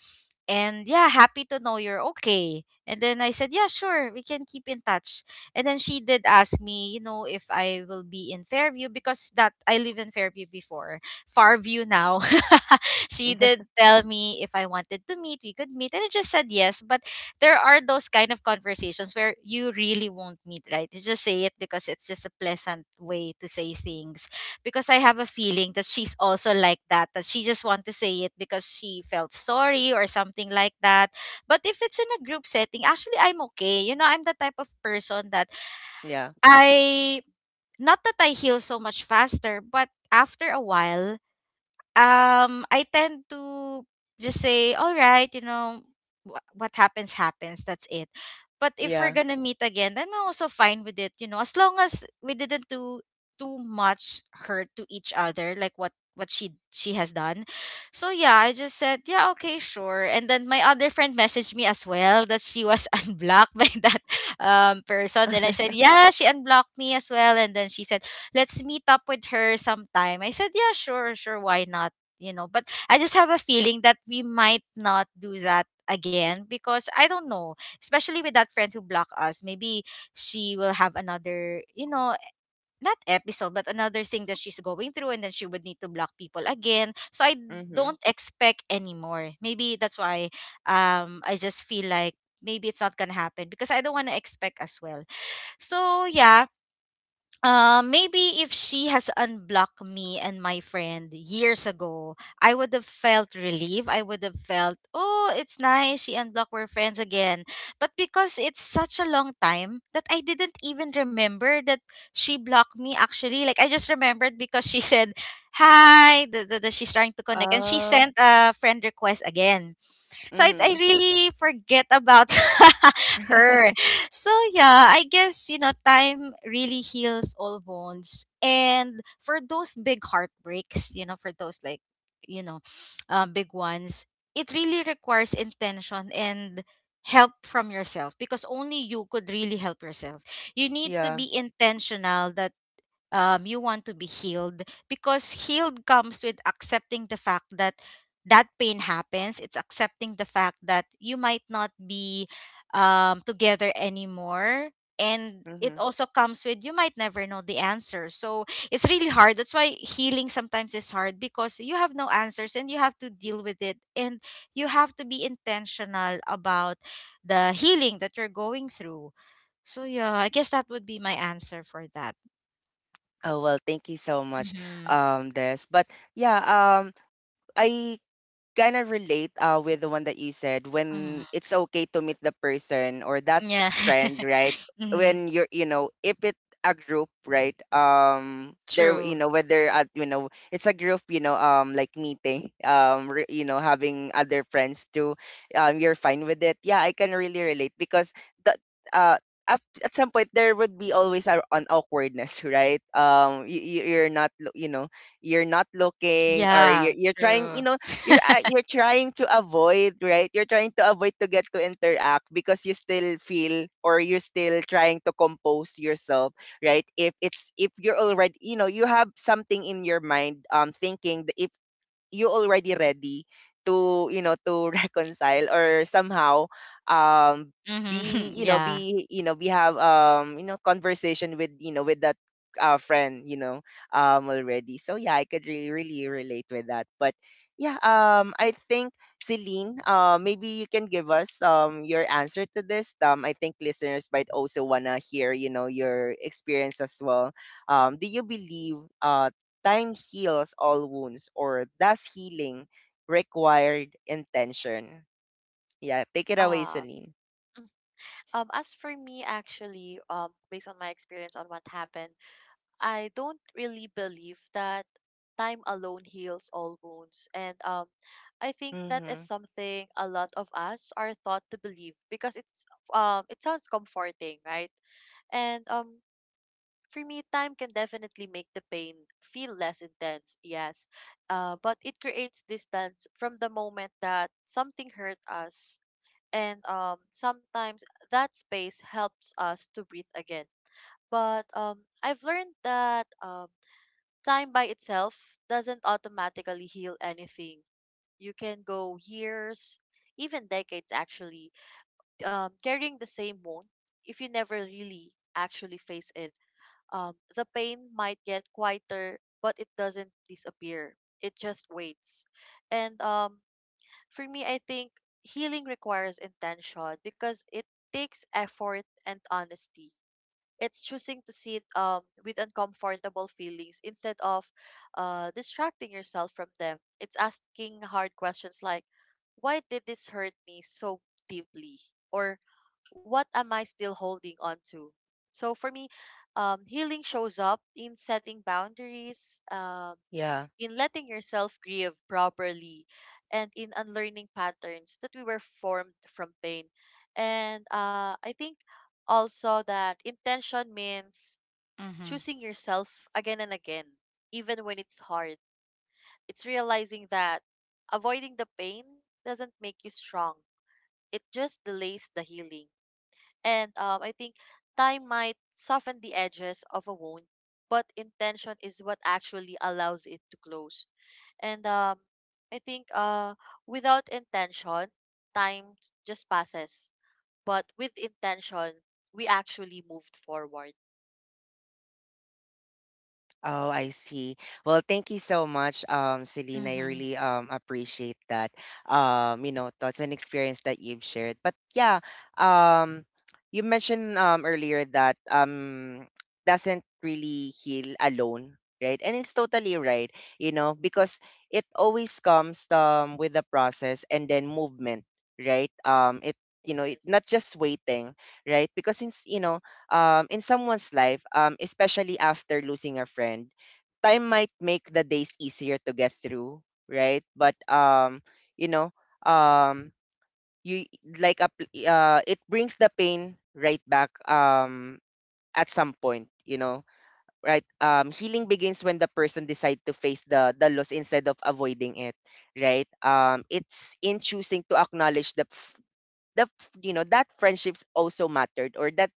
Speaker 2: and yeah, happy to know you're okay." And then I said, "Yeah, sure, we can keep in touch." And then she did ask me, if I will be in Fairview, because that I live in Fairview before. Farview now. She did tell me if I wanted to meet we could meet, and I just said yes. But there are those kind of conversations where you really won't meet, right? You just say it because it's just a pleasant way to say things, because I have a feeling that she's also like that, that she just want to say it because she felt sorry or something like that. But if it's in a group setting, actually I'm okay. You know, I'm the type of person that
Speaker 1: yeah,
Speaker 2: I not that I heal so much faster, but after a while, I tend to just say, all right, you know, what happens happens. That's it. But if we're
Speaker 1: yeah,
Speaker 2: gonna meet again, then I'm also fine with it. You know, as long as we didn't do too much hurt to each other, like what she has done. So yeah, I just said, yeah, okay, sure. And then my other friend messaged me as well that she was unblocked by that person. Then I said, yeah, she unblocked me as well. And then she said, let's meet up with her sometime. I said, yeah, sure, sure, why not? You know, but I just have a feeling that we might not do that again, because I don't know, especially with that friend who blocked us. Maybe she will have another, not episode, but another thing that she's going through, and then she would need to block people again. So I
Speaker 1: mm-hmm,
Speaker 2: don't expect anymore. Maybe that's why I just feel like maybe it's not gonna happen, because I don't want to expect as well. So yeah, maybe if she has unblocked me and my friend years ago, I would have felt relief. I would have felt, oh, it's nice. She unblocked. We're friends again. But because it's such a long time that I didn't even remember that she blocked me actually. Like, I just remembered because she said, hi, she's trying to connect. And she
Speaker 1: uh,
Speaker 2: sent a friend request again. So I
Speaker 1: mm-hmm,
Speaker 2: really forget about her. So yeah, I guess time really heals all wounds. And for those big heartbreaks, for those like you know, big ones, it really requires intention and help from yourself, because only you could really help yourself. You need to
Speaker 1: yeah,
Speaker 2: be intentional that you want to be healed, because healed comes with accepting the fact that that pain happens. It's accepting the fact that you might not be together anymore, and it
Speaker 1: mm-hmm.
Speaker 2: also comes with you might never know the answer. So it's really hard. That's why healing sometimes is hard, because you have no answers and you have to deal with it, and you have to be intentional about the healing that you're going through. So yeah, I guess that would be my answer for that.
Speaker 1: Oh well, thank you so much,
Speaker 2: Mhm.
Speaker 1: Des. But yeah, I kind of relate, with the one that you said when
Speaker 2: Mhm.
Speaker 1: it's okay to meet the person or that
Speaker 2: Yeah.
Speaker 1: friend, right,
Speaker 2: Mhm.
Speaker 1: when you're, you know, if it's a group, right, there, you
Speaker 2: True.
Speaker 1: know, whether at, you know, it's a group, you know, like meeting you know, having other friends too, you're fine with it. Yeah, I can really relate because that, uh at some point there would be always a, an awkwardness right, you, you're not lo- you know, you're not looking, or
Speaker 2: Yeah,
Speaker 1: you're trying,
Speaker 2: true.
Speaker 1: you know, you're trying to avoid, right? You're trying to avoid to get to interact because you still feel or you're still trying to compose yourself, right? If it's, if you're already, you know, you have something in your mind, thinking that if you already ready to, you know, to reconcile or somehow, um
Speaker 2: Mhm. Yeah.
Speaker 1: be you know we have, you know, conversation with, you know, with that friend, you know, already. So yeah, I could really relate with that. But yeah, I think Celine, maybe you can give us your answer to this. I think listeners might also wanna hear, you know, your experience as well. Do you believe time heals all wounds, or does healing require intention? Yeah, take it away,
Speaker 3: Ah.
Speaker 1: Celine.
Speaker 3: As for me, actually, based on my experience on what happened, I don't really believe that time alone heals all wounds. And I think that is
Speaker 1: Mm-hmm,
Speaker 3: something a lot of us are taught to believe because it sounds comforting, right? And for me, time can definitely make the pain feel less intense, yes. But it creates distance from the moment that something hurt us and sometimes that space helps us to breathe again. But I've learned that time by itself doesn't automatically heal anything. You can go years, even decades actually, carrying the same wound if you never really actually face it. The pain might get quieter, but it doesn't disappear. It just waits. And for me, I think healing requires intention because it takes effort and honesty. It's choosing to sit with uncomfortable feelings instead of distracting yourself from them. It's asking hard questions like, why did this hurt me so deeply? Or what am I still holding on to? So for me, healing shows up in setting boundaries,
Speaker 1: yeah.
Speaker 3: in letting yourself grieve properly and in unlearning patterns that we were formed from pain. And I think also that intention means
Speaker 2: Mhm.
Speaker 3: choosing yourself again and again, even when it's hard. It's realizing that avoiding the pain doesn't make you strong, it just delays the healing. And I think time might soften the edges of a wound, but intention is what actually allows it to close. And I think without intention, just passes. But with intention, we actually moved forward.
Speaker 1: Oh, I see. Well, thank you so much, Selena. I
Speaker 2: Mhm.
Speaker 1: really appreciate that. You know, that's an experience that you've shared. But yeah, um, you mentioned earlier that doesn't really heal alone, right? And it's totally right, you know, because it always comes with the process and then movement, right? It, you know, it, not
Speaker 3: Yes.
Speaker 1: just waiting, right? Because since you know in someone's life, especially after losing a friend, time might make the days easier to get through, right? But you know, um, you like a, it brings the pain right back at some point, you know, right? Healing begins when the person decide to face the loss instead of avoiding it, right? It's in choosing to acknowledge you know, that friendships also mattered or that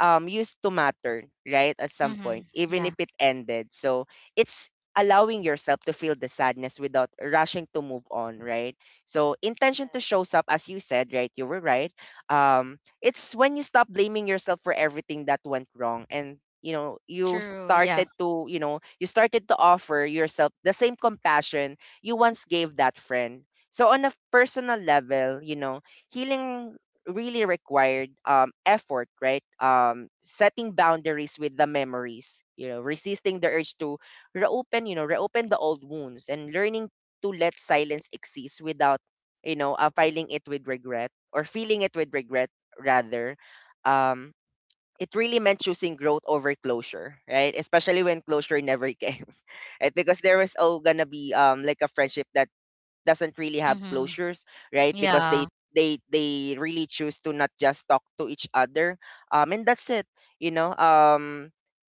Speaker 1: used to matter, right? At some point,
Speaker 2: Mhm.
Speaker 1: even if
Speaker 2: Yeah.
Speaker 1: it ended. So it's allowing yourself to feel the sadness without rushing to move on, right? So intention to
Speaker 3: Yes.
Speaker 1: shows up, as you said, right? You were right. It's when you stop blaming yourself for everything that went wrong, and you know, you
Speaker 2: True. Yeah.
Speaker 1: started to, you know, you started to offer yourself the same compassion you once gave that friend. So on a personal level, you know, healing really required effort, right? Setting boundaries with the memories, you know, resisting the urge to reopen, you know, reopen the old wounds, and learning to let silence exist without, you know, filing it with regret or feeling it with regret rather. Um, it really meant choosing growth over closure, right? Especially when closure never came. right? Because there was all gonna be like a friendship that doesn't really have
Speaker 2: Mhm.
Speaker 1: closures, right? Because
Speaker 2: Yeah.
Speaker 1: they they really choose to not just talk to each other. And that's it. You know,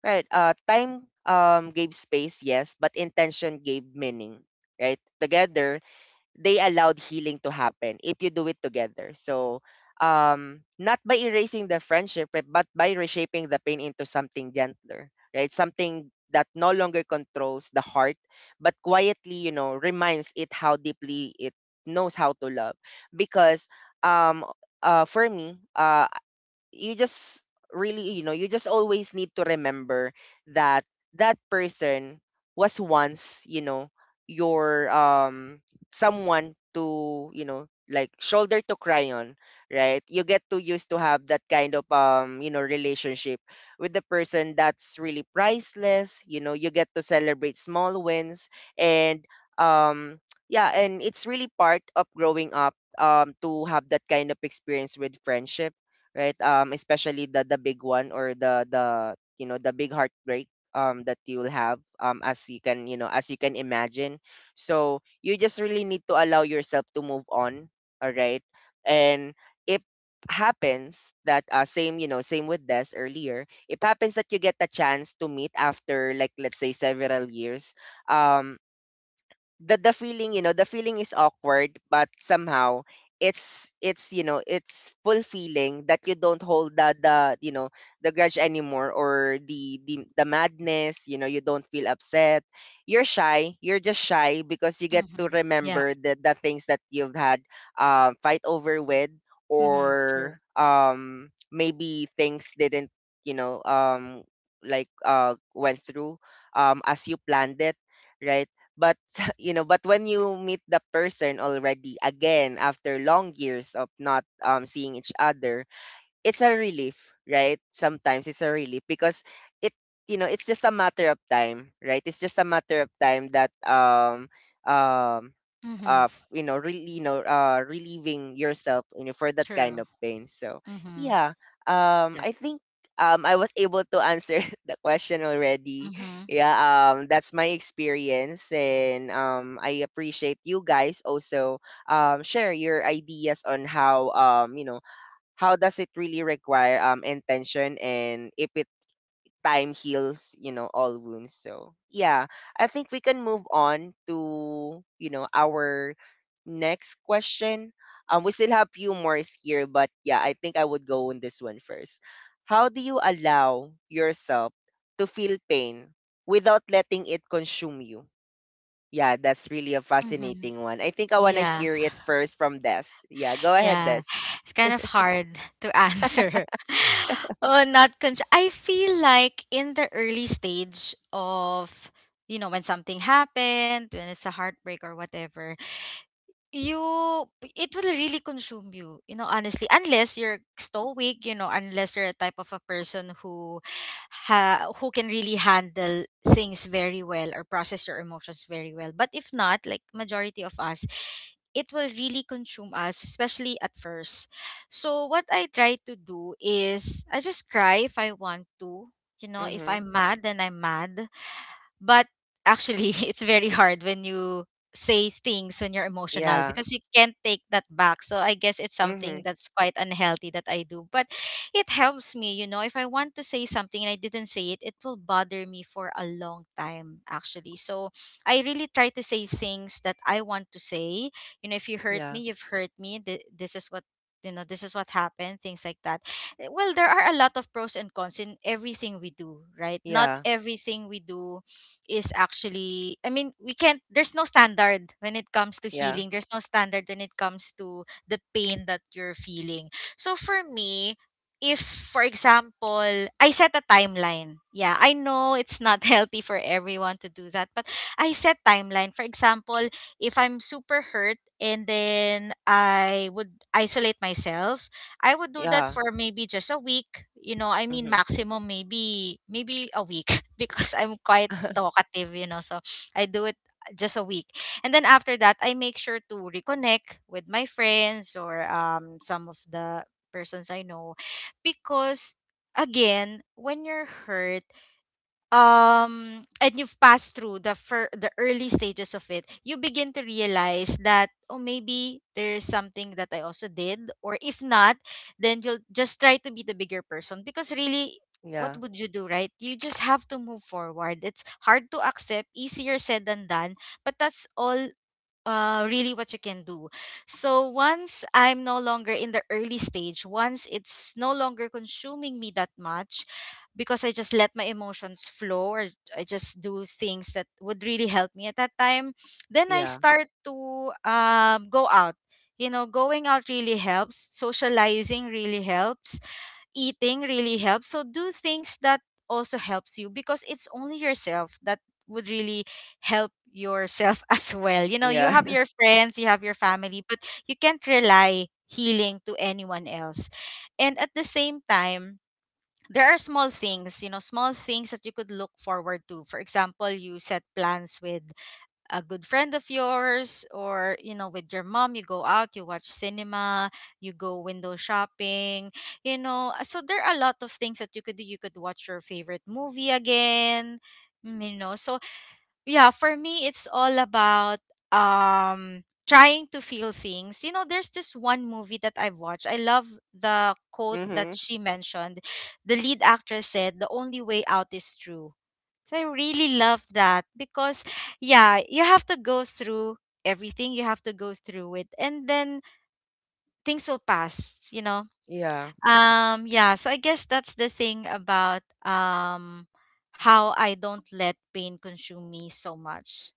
Speaker 1: right? Time gave space, yes, but intention gave meaning, right? Together,
Speaker 3: Yes.
Speaker 1: they allowed healing to happen if you do it together. So, not by erasing the friendship, but by reshaping the pain into something gentler, right? Something that no longer controls the heart, but quietly, you know, reminds it how deeply it knows how to love. Because, um, for me, you just really, you know, you just always need to remember that that person was once, you know, your someone to, you know, like shoulder to cry on, right? You get too used to have that kind of you know, relationship with the person that's really priceless. You know, you get to celebrate small wins, and um yeah, and it's really part of growing up, to have that kind of experience with friendship, right? Especially the big one or the you know, the big heartbreak that you'll have as you can, you know, as you can imagine. So you just really need to allow yourself to move on, all right? And if happens that, same, you know, same with this earlier, it happens that you get a chance to meet after like let's say several years, um the feeling, you know, the feeling is awkward but somehow it's, you know, it's fulfilling that you don't hold the you know, the grudge anymore or the the madness. You know, you don't feel upset. You're shy, you're just shy because you get to
Speaker 2: Mhm. Yeah.
Speaker 1: remember the things that you've had fight over with,
Speaker 2: Mhm.
Speaker 1: or
Speaker 2: True.
Speaker 1: maybe things didn't, you know, like went through as you planned it, right? But you know, but when you meet the person already again after long years of not seeing each other, it's a relief, right? Sometimes it's a relief because it, you know, it's just a matter of time, right? It's just a matter of time that um
Speaker 2: Mhm.
Speaker 1: of, you know, really, you know, relieving yourself, you know, for that
Speaker 2: True.
Speaker 1: kind of pain. So
Speaker 2: Mhm.
Speaker 1: yeah,
Speaker 2: Yeah.
Speaker 1: I think I was able to answer the question already.
Speaker 2: Mhm.
Speaker 1: Yeah, that's my experience, and I appreciate you guys also share your ideas on how, you know, how does it really require intention, and if it time heals, you know, all wounds. So, yeah, I think we can move on to, you know, our next question. We still have few more here, but yeah, I think I would go on this one first. How do you allow yourself to feel pain without letting it consume you? Yeah, that's really a
Speaker 2: Mhm.
Speaker 1: fascinating one. I think I want to
Speaker 2: Yeah.
Speaker 1: hear it first from Des. Yeah, go ahead,
Speaker 2: Yeah,
Speaker 1: Des.
Speaker 2: it's kind of hard to answer. Oh, not con- I feel like in the early stage of, you know, when something happened, when it's a heartbreak or whatever, you it will really consume you you know honestly, unless you're stoic, you know, unless you're a type of a person who who can really handle things very well or process your emotions very well. But if not, like majority of us, it will really consume us, especially at first. So what I try to do is I just cry if I want to. You know, if
Speaker 1: Mm-hmm,
Speaker 2: I'm mad, then I'm mad. But actually, it's very hard when you say things when you're emotional,
Speaker 1: yeah,
Speaker 2: because you can't take that back. So I guess it's
Speaker 1: mm-hmm,
Speaker 2: something that's quite unhealthy that I do. But it helps me, you know, if I want to say something and I didn't say it, it will bother me for a long time actually. So I really try to say things that I want to say. You know, if you hurt
Speaker 1: yeah,
Speaker 2: me, you've hurt me. This is what, you know, this is what happened, things like that. Well, there are a lot of pros and cons in everything we do, right? not
Speaker 1: yeah,
Speaker 2: everything we do is actually I mean, we can't there's no standard when it comes to
Speaker 1: yeah,
Speaker 2: healing. There's no standard when it comes to the pain that you're feeling. So for me, if for example, I set a timeline. Yeah, I know it's not healthy for everyone to do that, but I set timeline. For example, if I'm super hurt and then I would isolate myself, I would do that
Speaker 1: yeah,
Speaker 2: for maybe just a week. You know, I mean
Speaker 1: mm-hmm,
Speaker 2: maximum maybe a week because I'm quite talkative, you know. So I do it just a week. And then after that, I make sure to reconnect with my friends or some of the persons I know, because again, when you're hurt and you've passed through the early stages of it, you begin to realize that, oh, maybe there's something that I also did, or if not, then you'll just try to be the bigger person, because really, what
Speaker 1: yeah,
Speaker 2: would you do, right? You just have to move forward. It's hard to accept, easier said than done, but that's all really what you can do. So once I'm no longer in the early stage, once it's no longer consuming me that much, because I just let my emotions flow, or I just do things that would really help me at that time, then I
Speaker 1: yeah,
Speaker 2: start to go out. You know, going out really helps. Socializing really helps, eating really helps. So do things that also helps you, because it's only yourself that would really help yourself as well. You know, you
Speaker 1: yeah,
Speaker 2: have your friends, you have your family, but you can't rely healing to anyone else. And at the same time, there are small things, you know, small things that you could look forward to. For example, you set plans with a good friend of yours, or you know, with your mom, you go out, you watch cinema, you go window shopping, you know, so there are a lot of things that you could do. You could watch your favorite movie again, you know. So yeah, for me, it's all about trying to feel things. You know, there's this one movie that I've watched, I love the quote that
Speaker 1: mm-hmm,
Speaker 2: she mentioned. The lead actress said, the only way out is through. So I really love that, because, yeah, you have to go through everything. You have to go through it, and then things will pass. You know.
Speaker 1: yeah.
Speaker 2: Yeah. So I guess that's the thing about how I don't let pain consume me so much.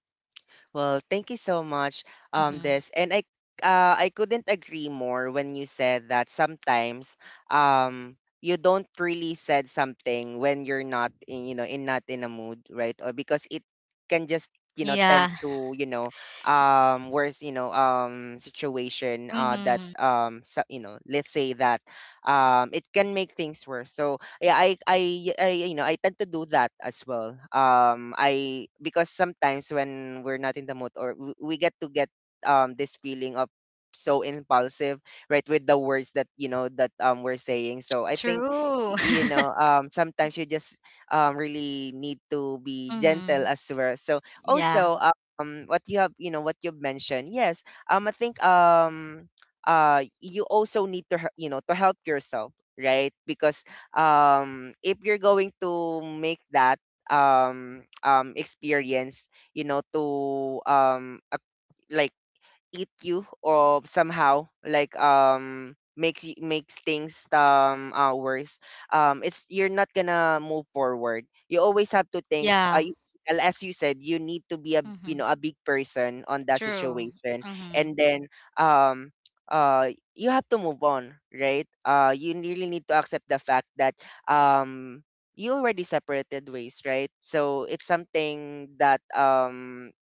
Speaker 1: Well, thank you so much,
Speaker 2: Mm-hmm.
Speaker 1: Des, and I, I couldn't agree more when you said that sometimes you don't really said something when you're not in, you know, in not in a mood, right? Or because it can just, you know, tend
Speaker 2: Yeah.
Speaker 1: to, worse, situation uh that
Speaker 2: Mm-hmm.
Speaker 1: um so, you know, let's say that it can make things worse. So yeah I I tend to do that as well I because sometimes when we're not in the mood or we get to get this feeling of so impulsive right with the words that we're saying, so I think
Speaker 2: True.
Speaker 1: you know, sometimes you just really need to be
Speaker 2: Mm-hmm.
Speaker 1: gentle as well. So
Speaker 2: Yeah.
Speaker 1: also, what you have, you know, what you've mentioned, yes, I think you also need to you know, to help yourself, right? Because if you're going to make that experience, you know, to a, like, eat you or somehow, like, makes you, makes things worse, it's, you're not gonna move forward. You always have to think,
Speaker 2: Yeah.
Speaker 1: and as you said, you need to be a, you
Speaker 2: Mm-hmm.
Speaker 1: know, a big person on that
Speaker 2: True.
Speaker 1: situation.
Speaker 2: Mm-hmm.
Speaker 1: And then um uh you have to move on, right? You really need to accept the fact that um you already separated ways, right? So it's something that,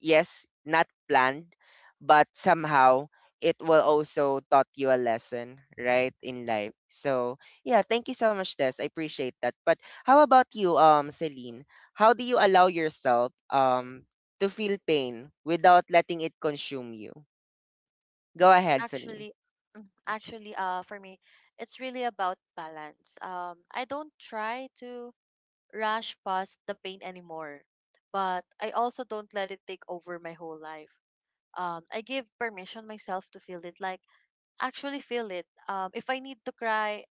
Speaker 1: yes, not planned, but somehow it will also taught you a lesson, right, in life. So yeah, thank you so much, Des. I appreciate that. But how about you, Celine? How do you allow yourself to feel pain without letting it consume you? Go ahead, Celine.
Speaker 3: Actually, actually, for me, it's really about balance. I don't try to rush past the pain anymore, but I also don't let it take over my whole life. I give permission myself to feel it, like actually feel it. If I need to cry,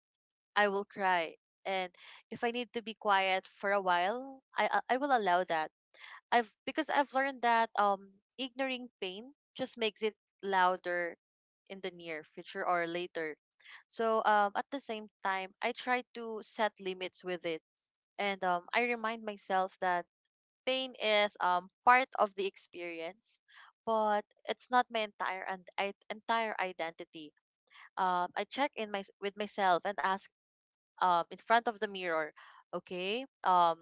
Speaker 3: I will cry. And if I need to be quiet for a while, I will allow that. I've because I've learned that ignoring pain just makes it louder in the near future or later. So at the same time, I try to set limits with it. And I remind myself that pain is part of the experience, but it's not my entire identity. I check in my with myself and ask in front of the mirror, okay, um,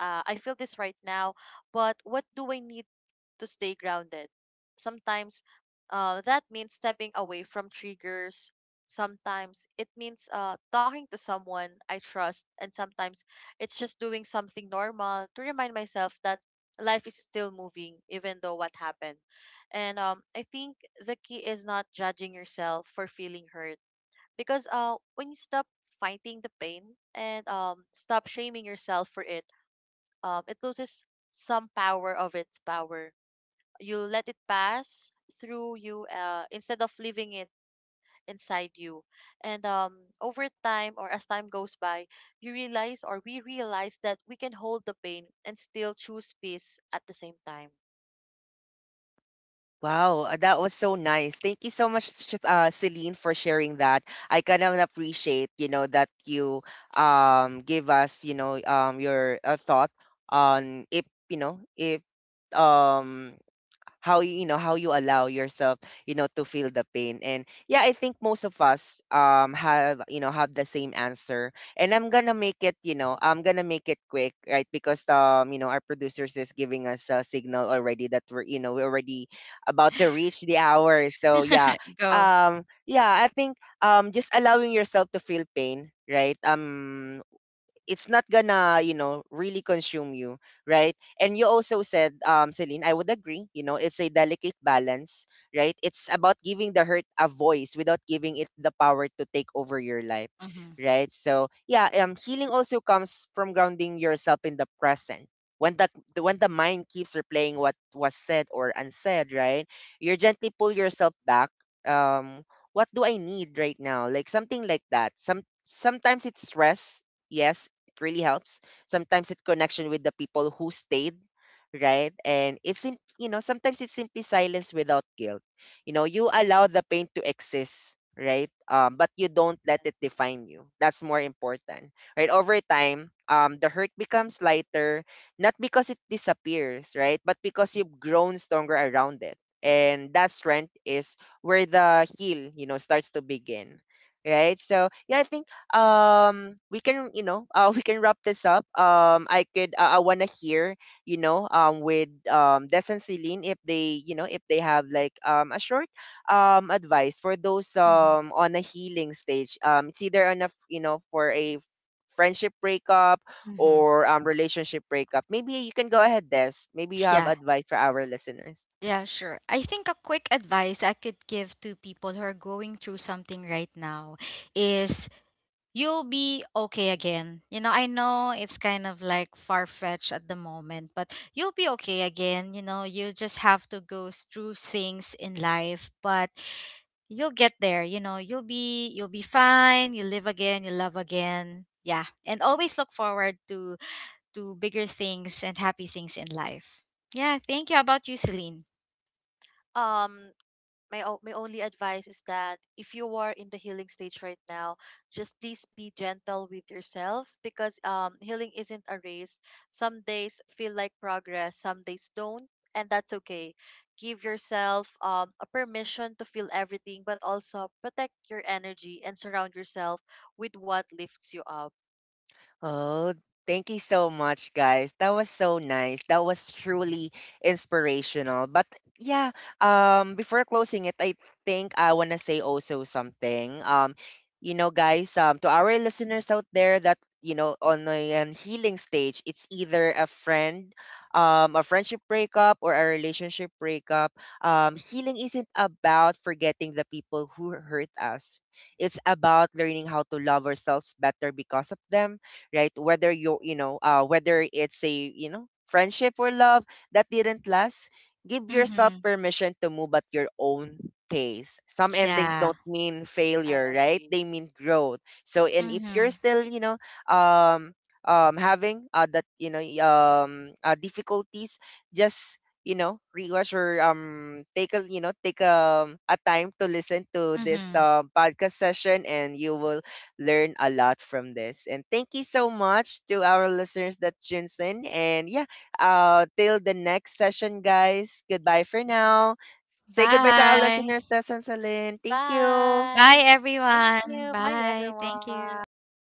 Speaker 3: uh, I feel this right now, but what do I need to stay grounded? Sometimes that means stepping away from triggers. Sometimes it means talking to someone I trust, and sometimes it's just doing something normal to remind myself that life is still moving, even though what happened. And I think the key is not judging yourself for feeling hurt because when you stop fighting the pain and stop shaming yourself for it, it loses some power of its power. You let it pass through you instead of leaving it inside you. And over time, or as time goes by, you realize or we realize that we can hold the pain and still choose peace at the same time.
Speaker 1: Wow, that was so nice. Thank you so much, Celine, for sharing that. I kind of appreciate, you know, that you give us, you know, your thought on if, you know, if, um how you, you know how you allow yourself, you know, to feel the pain. And yeah, I think most of us have, you know, have the same answer, and I'm gonna make it, you know, I'm gonna make it quick, right? Because you know, our producers is giving us a signal already that we're, you know, we're already about to reach the hour. So yeah,
Speaker 2: Go.
Speaker 1: yeah, I think just allowing yourself to feel pain, right? It's not gonna, you know, really consume you, right? And you also said, Celine, I would agree, you know, it's a delicate balance, right? It's about giving the hurt a voice without giving it the power to take over your life,
Speaker 2: Mm-hmm.
Speaker 1: right? So yeah, healing also comes from grounding yourself in the present, when the, when the mind keeps replaying what was said or unsaid, right? You gently pull yourself back. um what do I need right now? Like something like that. Sometimes it's stress, yes, it really helps. Sometimes it's connection with the people who stayed, right? And it's you know, sometimes it's simply silence without guilt. You know, you allow the pain to exist, right? But you don't let it
Speaker 3: Yes.
Speaker 1: define you. That's more important, right? Over time, the hurt becomes lighter, not because it disappears, right? But because you've grown stronger around it. And that strength is where the heal, you know, starts to begin, right? So yeah, I think we can, we can wrap this up. I could, I want to hear, you know, with Des and Celine, if they, you know, if they have like a short advice for those
Speaker 2: Mm-hmm.
Speaker 1: on a healing stage, it's either on a you know, for a friendship breakup
Speaker 2: Mm-hmm.
Speaker 1: or relationship breakup. Maybe you can go ahead, Des. Maybe you have
Speaker 2: Yeah.
Speaker 1: advice for our listeners.
Speaker 2: Yeah, sure. I think a quick advice I could give to people who are going through something right now is, you'll be okay again. You know, I know it's kind of like far fetched at the moment, but you'll be okay again. You know, you just have to go through things in life, but you'll get there. You know, you'll be fine. You live again, you love again. Yeah. And always look forward to bigger things and happy things in life. Yeah, thank you. How about you, Celine?
Speaker 3: um my only advice is that if you are in the healing stage right now, just please be gentle with yourself because healing isn't a race. Some days feel like progress, some days don't, and that's okay. Give yourself a permission to feel everything, but also protect your energy and surround yourself with what lifts you up.
Speaker 1: Oh, thank you so much, guys. That was so nice. That was truly inspirational. But yeah, before closing it, I think I want to say also something. You know, guys, to our listeners out there that, you know, on a, an healing stage, it's either a friend, a friendship breakup or a relationship breakup. Healing isn't about forgetting the people who hurt us. It's about learning how to love ourselves better because of them, right? Whether you, you know, whether it's a, you know, friendship or love that didn't last, give yourself
Speaker 2: Hmm.
Speaker 1: permission to move at your own pace. Some endings
Speaker 2: Yeah.
Speaker 1: don't mean
Speaker 3: I
Speaker 1: failure, right?
Speaker 3: agree.
Speaker 1: They mean growth. So, and if you're
Speaker 2: Mhm.
Speaker 1: still, you know, um having, that, you know, difficulties, just, you know, rewatch or take a, you know, take a time to listen to this
Speaker 2: Mhm.
Speaker 1: podcast session, and you will learn a lot from this. And thank you so much to our listeners that tunes in. And yeah, till the next session, guys. Goodbye for now. Say goodbye to our
Speaker 2: Bye.
Speaker 1: listeners, Tess and Celine. Thank you.
Speaker 2: Bye
Speaker 3: Bye. Thank
Speaker 2: everyone.
Speaker 3: you. Bye
Speaker 2: Bye. Thank you.
Speaker 3: everyone.